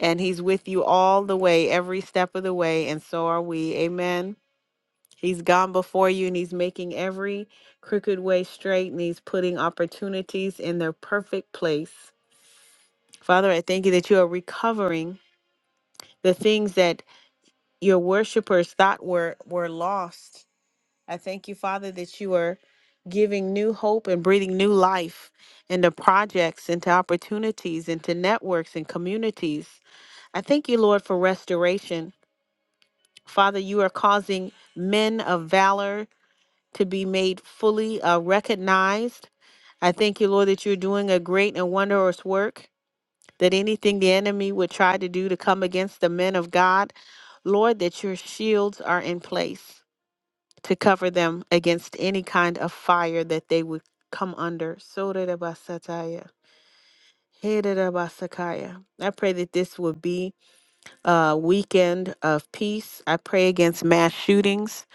Speaker 1: and He's with you all the way, every step of the way, and so are we. Amen. He's gone before you, and He's making every crooked way straight, and He's putting opportunities in their perfect place. Father, I thank you that you are recovering the things that your worshipers thought were were lost I thank you, Father, that you are giving new hope and breathing new life into projects, into opportunities, into networks and communities. I thank you, Lord, for restoration. Father, you are causing men of valor to be made fully uh, recognized. I thank you, Lord, that you're doing a great and wondrous work, that anything the enemy would try to do to come against the men of God, Lord, that your shields are in place to cover them against any kind of fire that they would come under. Soterabasataya, Heterabasakaya. I pray that this would be a weekend of peace. I pray against mass shootings.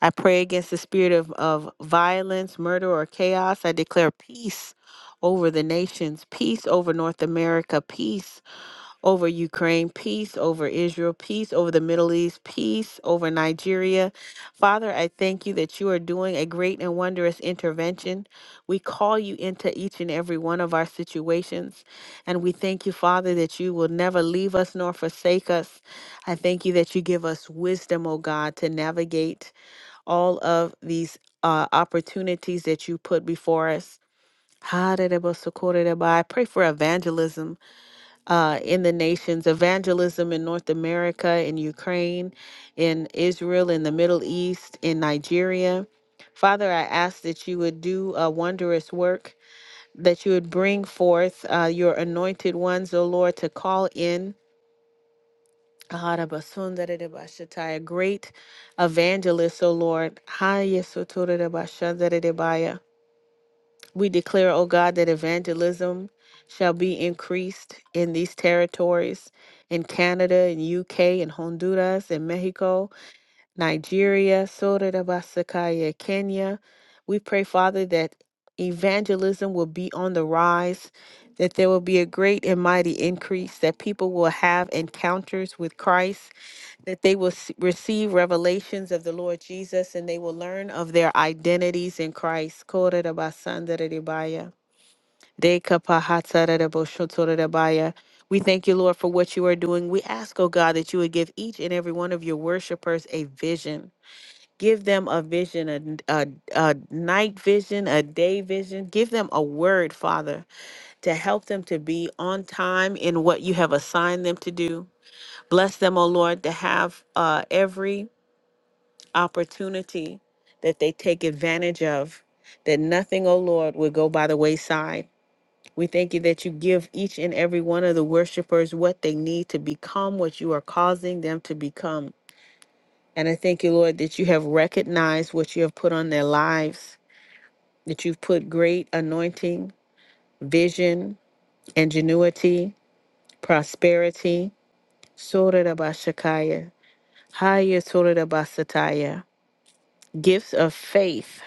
Speaker 1: I pray against the spirit of, of violence, murder, or chaos. I declare peace over the nations, peace over North America, peace over Ukraine, peace over Israel, peace over the Middle East, peace over Nigeria. Father, I thank you that you are doing a great and wondrous intervention. We call you into each and every one of our situations. And we thank you, Father, that you will never leave us nor forsake us. I thank you that you give us wisdom, O God, to navigate all of these uh, opportunities that you put before us. I pray for evangelism uh, in the nations, evangelism in North America, in Ukraine, in Israel, in the Middle East, in Nigeria. Father, I ask that you would do a wondrous work, that you would bring forth uh, your anointed ones, O Lord, to call in. Aharabasundadidabashatai, A great evangelist, O Lord. Hayasotoridabashandadidabaya. We declare, O God, that evangelism shall be increased in these territories, in Canada, in UK, in Honduras, in Mexico, Nigeria, Sotorabasakaya, Kenya. We pray, Father, that evangelism will be on the rise, that there will be a great and mighty increase, that people will have encounters with Christ, that they will s- receive revelations of the Lord Jesus, and they will learn of their identities in Christ. Kotorabasandararebaya. Dekapahatsaraboshotorebaya. We thank you, Lord, for what you are doing. We ask, oh God, that you would give each and every one of your worshipers a vision. Give them a vision, a, a, a night vision, a day vision. Give them a word, Father, to help them to be on time in what you have assigned them to do. Bless them, oh Lord, to have uh, every opportunity that they take advantage of, that nothing, oh Lord, would go by the wayside. We thank you that you give each and every one of the worshipers what they need to become, what you are causing them to become. And I thank you, Lord, that you have recognized what you have put on their lives, that you've put great anointing, vision, ingenuity, prosperity. Sorarabashakaya, Haya Sorarabasataya, gifts of faith.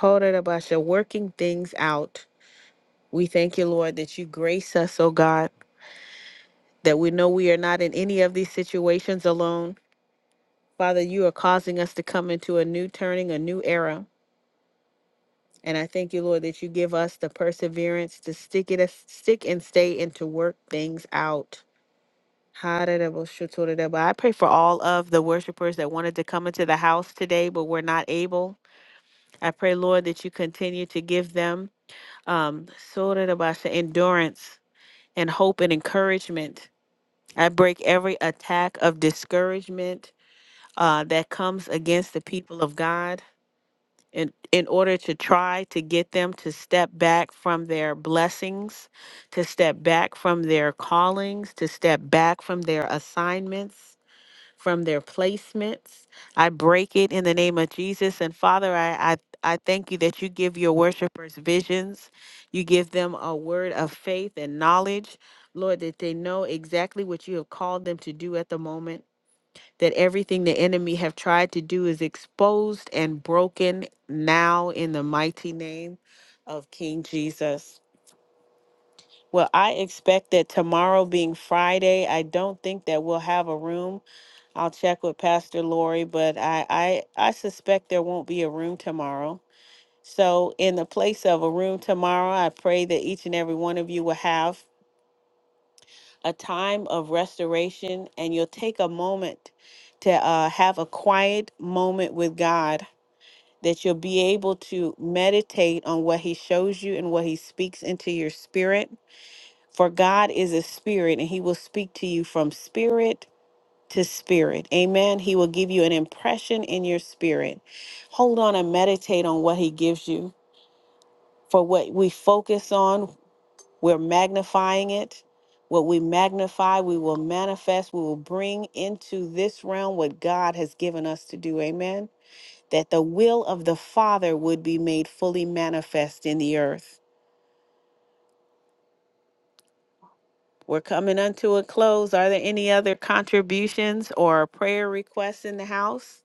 Speaker 1: Horarabasha, working things out. We thank you, Lord, that you grace us, oh God that we know we are not in any of these situations alone. Father, you are causing us to come into a new turning, a new era. And I thank you, Lord, that you give us the perseverance to stick it, stick and stay, and to work things out. I pray for all of the worshipers that wanted to come into the house today, but were not able. I pray, Lord, that you continue to give them um, endurance and hope and encouragement. I break every attack of discouragement uh, that comes against the people of God in, in order to try to get them to step back from their blessings, to step back from their callings, to step back from their assignments, from their placements. I break it in the name of Jesus. And Father, I, I, I thank you that you give your worshipers visions. You give them a word of faith and knowledge, Lord, that they know exactly what you have called them to do at the moment that everything the enemy have tried to do is exposed and broken now in the mighty name of King Jesus. Well, I expect that tomorrow being Friday, I don't think that we'll have a room. I'll check with Pastor Lori, but I, I, I suspect there won't be a room tomorrow. So, in the place of a room tomorrow, I pray that each and every one of you will have a time of restoration and you'll take a moment to uh, have a quiet moment with God that you'll be able to meditate on what he shows you and what he speaks into your spirit. For God is a spirit and he will speak to you from spirit to spirit. Amen. He will give you an impression in your spirit. Hold on and meditate on what he gives you. For what we focus on, we're magnifying it. What we magnify, we will manifest. We will bring into this realm what God has given us to do. Amen. That the will of the Father would be made fully manifest in the earth. We're coming unto a close. Are there any other contributions or prayer requests in the house?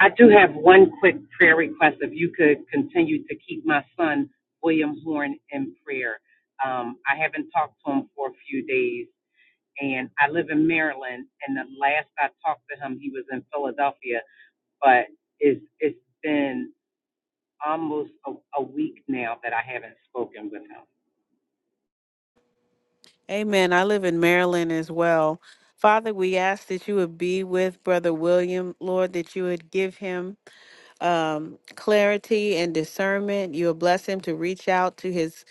Speaker 6: I do have one quick prayer request. If you could continue to keep my son William Horn in prayer. Um, I haven't talked to him for a few days, and I live in Maryland. And the last I talked to him, he was in Philadelphia. But it's it's been almost a, a week now that I haven't spoken with him.
Speaker 1: Amen. I live in Maryland as well. Father, we ask that you would be with Brother William, Lord, that you would give him um, clarity and discernment. You will bless him to reach out to his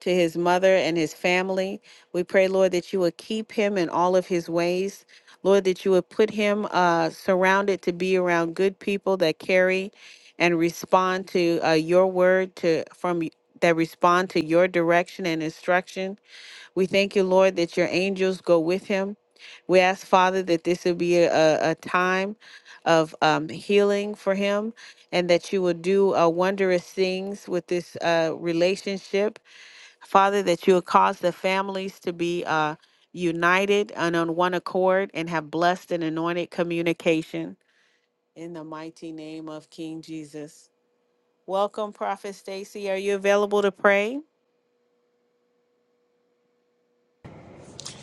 Speaker 1: to his mother and his family. We pray, Lord, that you would keep him in all of his ways. Lord, that you would put him uh, surrounded to be around good people that carry and respond to uh, your word to from y- that respond to your direction and instruction. We thank you, Lord, that your angels go with him. We ask, Father, that this will be a, a a time of um, healing for him and that you will do uh, wondrous things with this uh, relationship. Father, that you will cause the families to be uh, united and on one accord and have blessed and anointed communication. In the mighty name of King Jesus. Welcome, Prophet Stacy. Are you available to pray?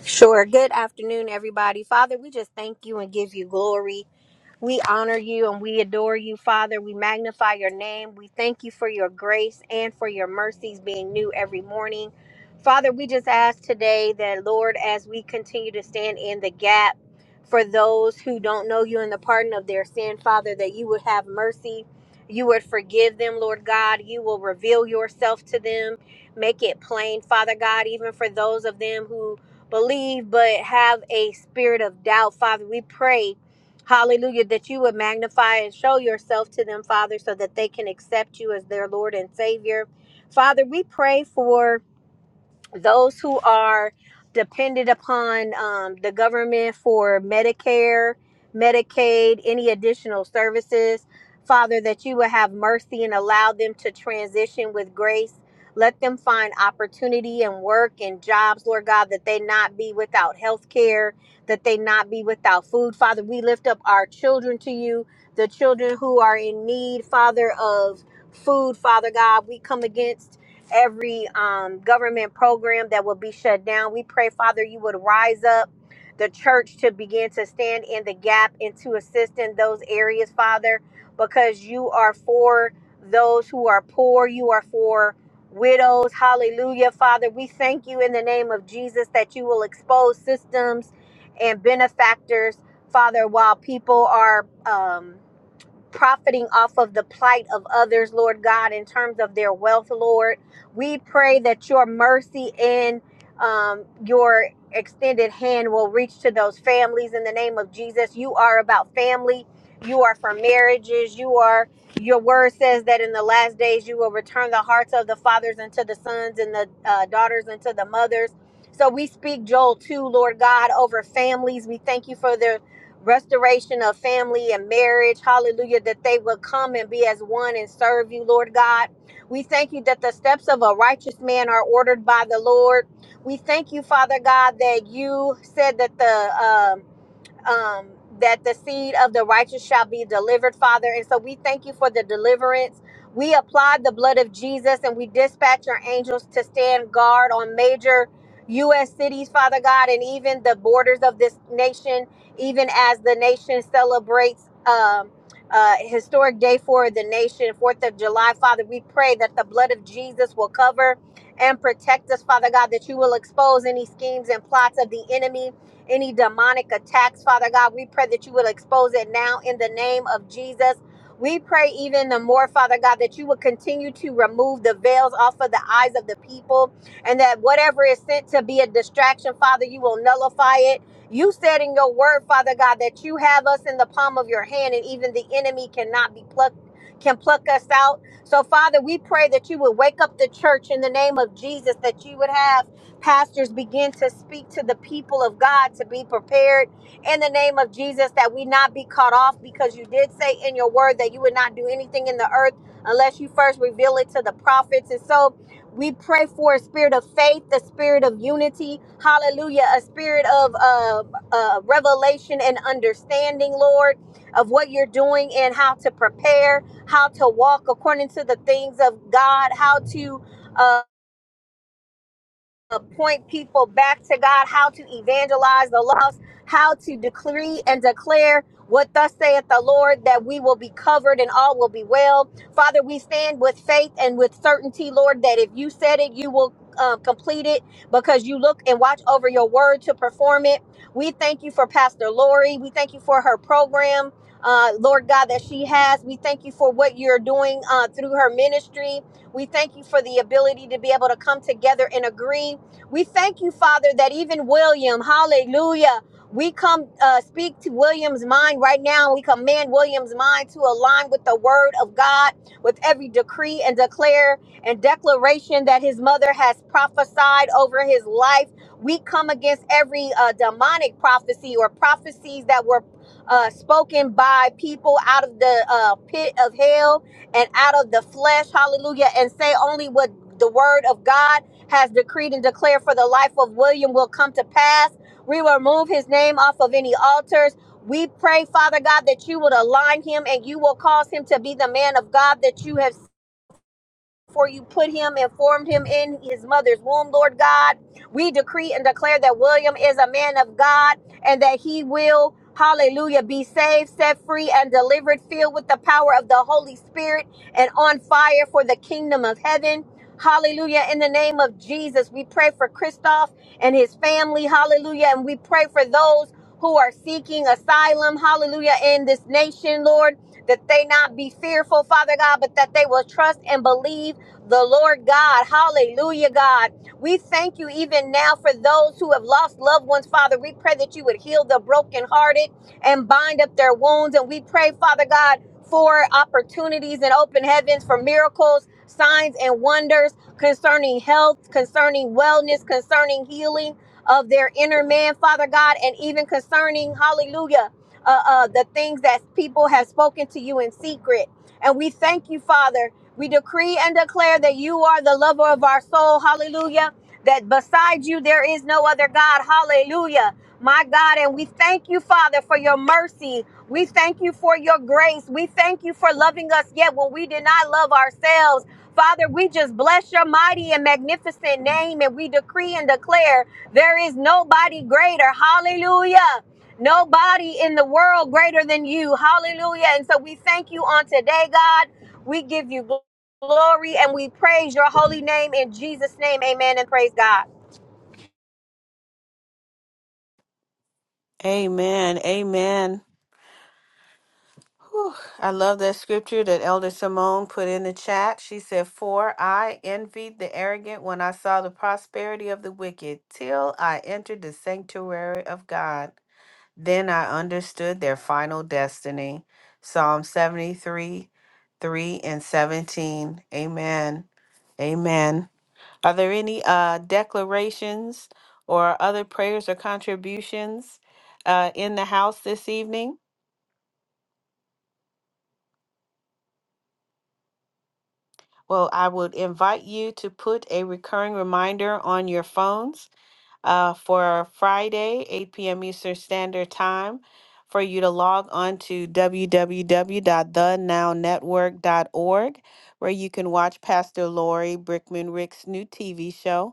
Speaker 7: Sure. Good afternoon, everybody. Father, we just thank you and give you glory. We honor you and we adore you, Father. We magnify your name. We thank you for your grace and for your mercies being new every morning. Father, we just ask today that, Lord, as we continue to stand in the gap for those who don't know you and the pardon of their sin, Father, that you would have mercy. You would forgive them, Lord God. You will reveal yourself to them. Make it plain, Father God, even for those of them who believe but have a spirit of doubt, Father. We pray Hallelujah, that you would magnify and show yourself to them, Father, so that they can accept you as their Lord and Savior. Father, we pray for those who are dependent upon um, the government for Medicare, Medicaid, any additional services. Father, that you would have mercy and allow them to transition with grace. Let them find opportunity and work and jobs, Lord God, that they not be without health care, that they not be without food. Father, we lift up our children to you, the children who are in need, Father, of food, Father God. We come against every um, government program that will be shut down. We pray, Father, you would rise up the church to begin to stand in the gap and to assist in those areas, Father, because you are for those who are poor. You are for widows. Hallelujah, Father. We thank you in the name of Jesus that you will expose systems and benefactors, Father, while people are. Um, profiting off of the plight of others, Lord God, in terms of their wealth, Lord. We pray that your mercy and um, your extended hand will reach to those families in the name of Jesus. You are about family, you are for marriages, you are. Your word says that in the last days you will return the hearts of the fathers unto the sons and the uh, daughters unto the mothers. So we speak Joel 2, Lord God, over families. We thank you for their restoration of family and marriage. Hallelujah. That they will come and be as one and serve you, Lord God. We thank you that the steps of a righteous man are ordered by the Lord. We thank you, Father God, that you said that the um um, that the seed of the righteous shall be delivered, Father. And so we thank you for the deliverance. We apply the blood of Jesus and we dispatch our angels to stand guard on major U.S. cities, Father God, and even the borders of this nation, even as the nation celebrates. Um, uh, historic day for the nation, 4th of July. Father, we pray that the blood of Jesus will cover and protect us, Father God, that you will expose any schemes and plots of the enemy any demonic attacks, Father God. We pray that you will expose it now in the name of Jesus. We pray even the more, Father God, that you will continue to remove the veils off of the eyes of the people and that whatever is sent to be a distraction, Father, you will nullify it. You said in your word, Father God, that you have us in the palm of your hand and even the enemy cannot be plucked, can pluck us out. So, Father, we pray that you would wake up the church in the name of Jesus, that you would have pastors begin to speak to the people of God to be prepared in the name of Jesus that we not be caught off because you did say in your word that you would not do anything in the earth unless you first reveal it to the prophets. And so we pray for a spirit of faith, the spirit of unity, hallelujah, a spirit of uh, uh, revelation and understanding, Lord, of what you're doing and how to prepare, how to walk according to the things of God, how to. uh, to point people back to God, how to evangelize the lost, how to decree and declare what thus saith the Lord that we will be covered and all will be well. Father, we stand with faith and with certainty, Lord, that if you said it, you will. Um, complete it because you look and watch over your word to perform it. We thank you for Pastor Lori. We thank you for her program, uh, Lord God, that she has. We thank you for what you're doing uh, through her ministry. We thank you for the ability to be able to come together and agree we thank you, Father, that even William, hallelujah, we come uh, speak to William's mind right now. We command William's mind to align with the word of God, with every decree and declare and declaration that his mother has prophesied over his life. We come against every uh, demonic prophecy or prophecies that were uh, spoken by people out of the uh, pit of hell and out of the flesh. Hallelujah. And say only what the word of God has decreed and declared for the life of William will come to pass. We will remove his name off of any altars. We pray, Father God, that you would align him and you will cause him to be the man of God that you have before you put him and formed him in his mother's womb, Lord God. We decree and declare that William is a man of God and that he will, hallelujah, be saved, set free, and delivered, filled with the power of the Holy Spirit and on fire for the kingdom of heaven. Hallelujah. In the name of Jesus, we pray for Christoph and his family. Hallelujah. And we pray for those who are seeking asylum. Hallelujah. In this nation, Lord, that they not be fearful, Father God, but that they will trust and believe the Lord God. Hallelujah, God. We thank you even now for those who have lost loved ones, Father. We pray that you would heal the brokenhearted and bind up their wounds. And we pray, Father God, for opportunities in open heavens, for miracles, signs, and wonders concerning health, concerning wellness, concerning healing of their inner man, Father God, and even concerning, hallelujah, uh, uh, the things that people have spoken to you in secret. And we thank you, Father. We decree and declare that you are the lover of our soul. Hallelujah. That beside you there is no other God. Hallelujah. My God, and we thank you, Father, for your mercy. We thank you for your grace. We thank you for loving us yet when we did not love ourselves. Father, we just bless your mighty and magnificent name and we decree and declare there is nobody greater. Hallelujah. Nobody in the world greater than you. Hallelujah. And so we thank you on today, God. We give you glory glory and we praise your holy name in Jesus' name. Amen and praise God.
Speaker 1: Amen. Amen. Whew. I love that scripture that Elder Simone put in the chat. She said, For I envied the arrogant when I saw the prosperity of the wicked till I entered the sanctuary of God. Then I understood their final destiny. Psalm 73, 3 and 17. Amen. Amen. Are there any uh, declarations or other prayers or contributions uh, in the house this evening? Well, I would invite you to put a recurring reminder on your phones uh, for Friday, 8 p.m. Eastern Standard Time, for you to log on to w w w dot the now network dot org, where you can watch Pastor Lori Brickman Rick's new TV show.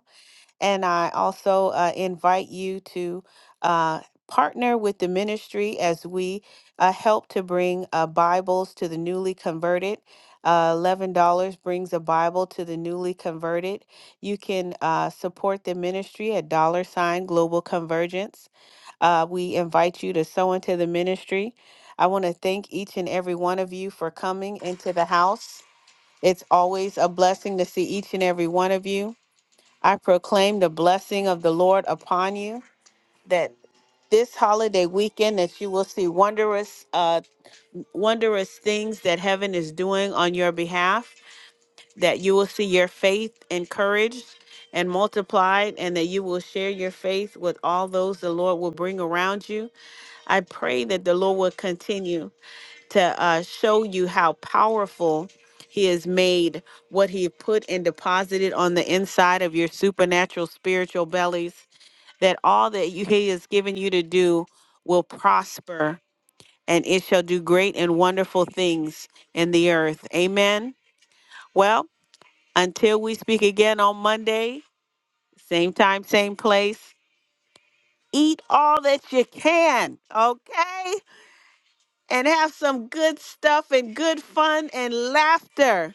Speaker 1: And I also uh, invite you to uh, partner with the ministry as we uh, help to bring uh, Bibles to the newly converted. Uh, $11 brings a Bible to the newly converted. You can uh, support the ministry at dollar sign global convergence. Uh, we invite you to sow into the ministry. I want to thank each and every one of you for coming into the house. It's always a blessing to see each and every one of you. I proclaim the blessing of the Lord upon you that this holiday weekend that you will see wondrous uh wondrous things that heaven is doing on your behalf that you will see your faith encouraged and multiplied and that you will share your faith with all those the Lord will bring around you. I pray that the Lord will continue to uh, show you how powerful he has made what he put and deposited on the inside of your supernatural spiritual bellies that all that you, he has given you to do will prosper and it shall do great and wonderful things in the earth amen well until we speak again on monday same time same place eat all that you can okay and have some good stuff and good fun and laughter.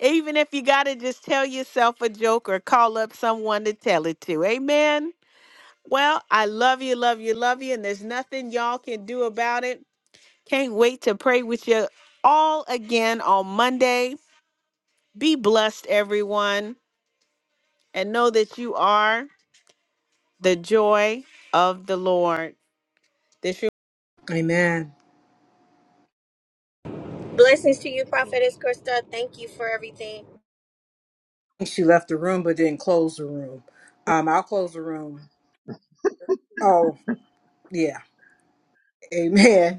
Speaker 1: Even if you got to just tell yourself a joke or call up someone to tell it to. Amen. Well, I love you, love you, love you. And there's nothing y'all can do about it. Can't wait to pray with you all again on Monday. Be blessed, everyone, and know that you are the joy of the Lord. This.
Speaker 5: Amen. I
Speaker 7: Blessings to you,
Speaker 3: Shalom.
Speaker 7: Prophetess Krista. Thank you for everything.
Speaker 5: think She left the room but didn't close the room. Um, I'll close the room. Oh, yeah. Amen.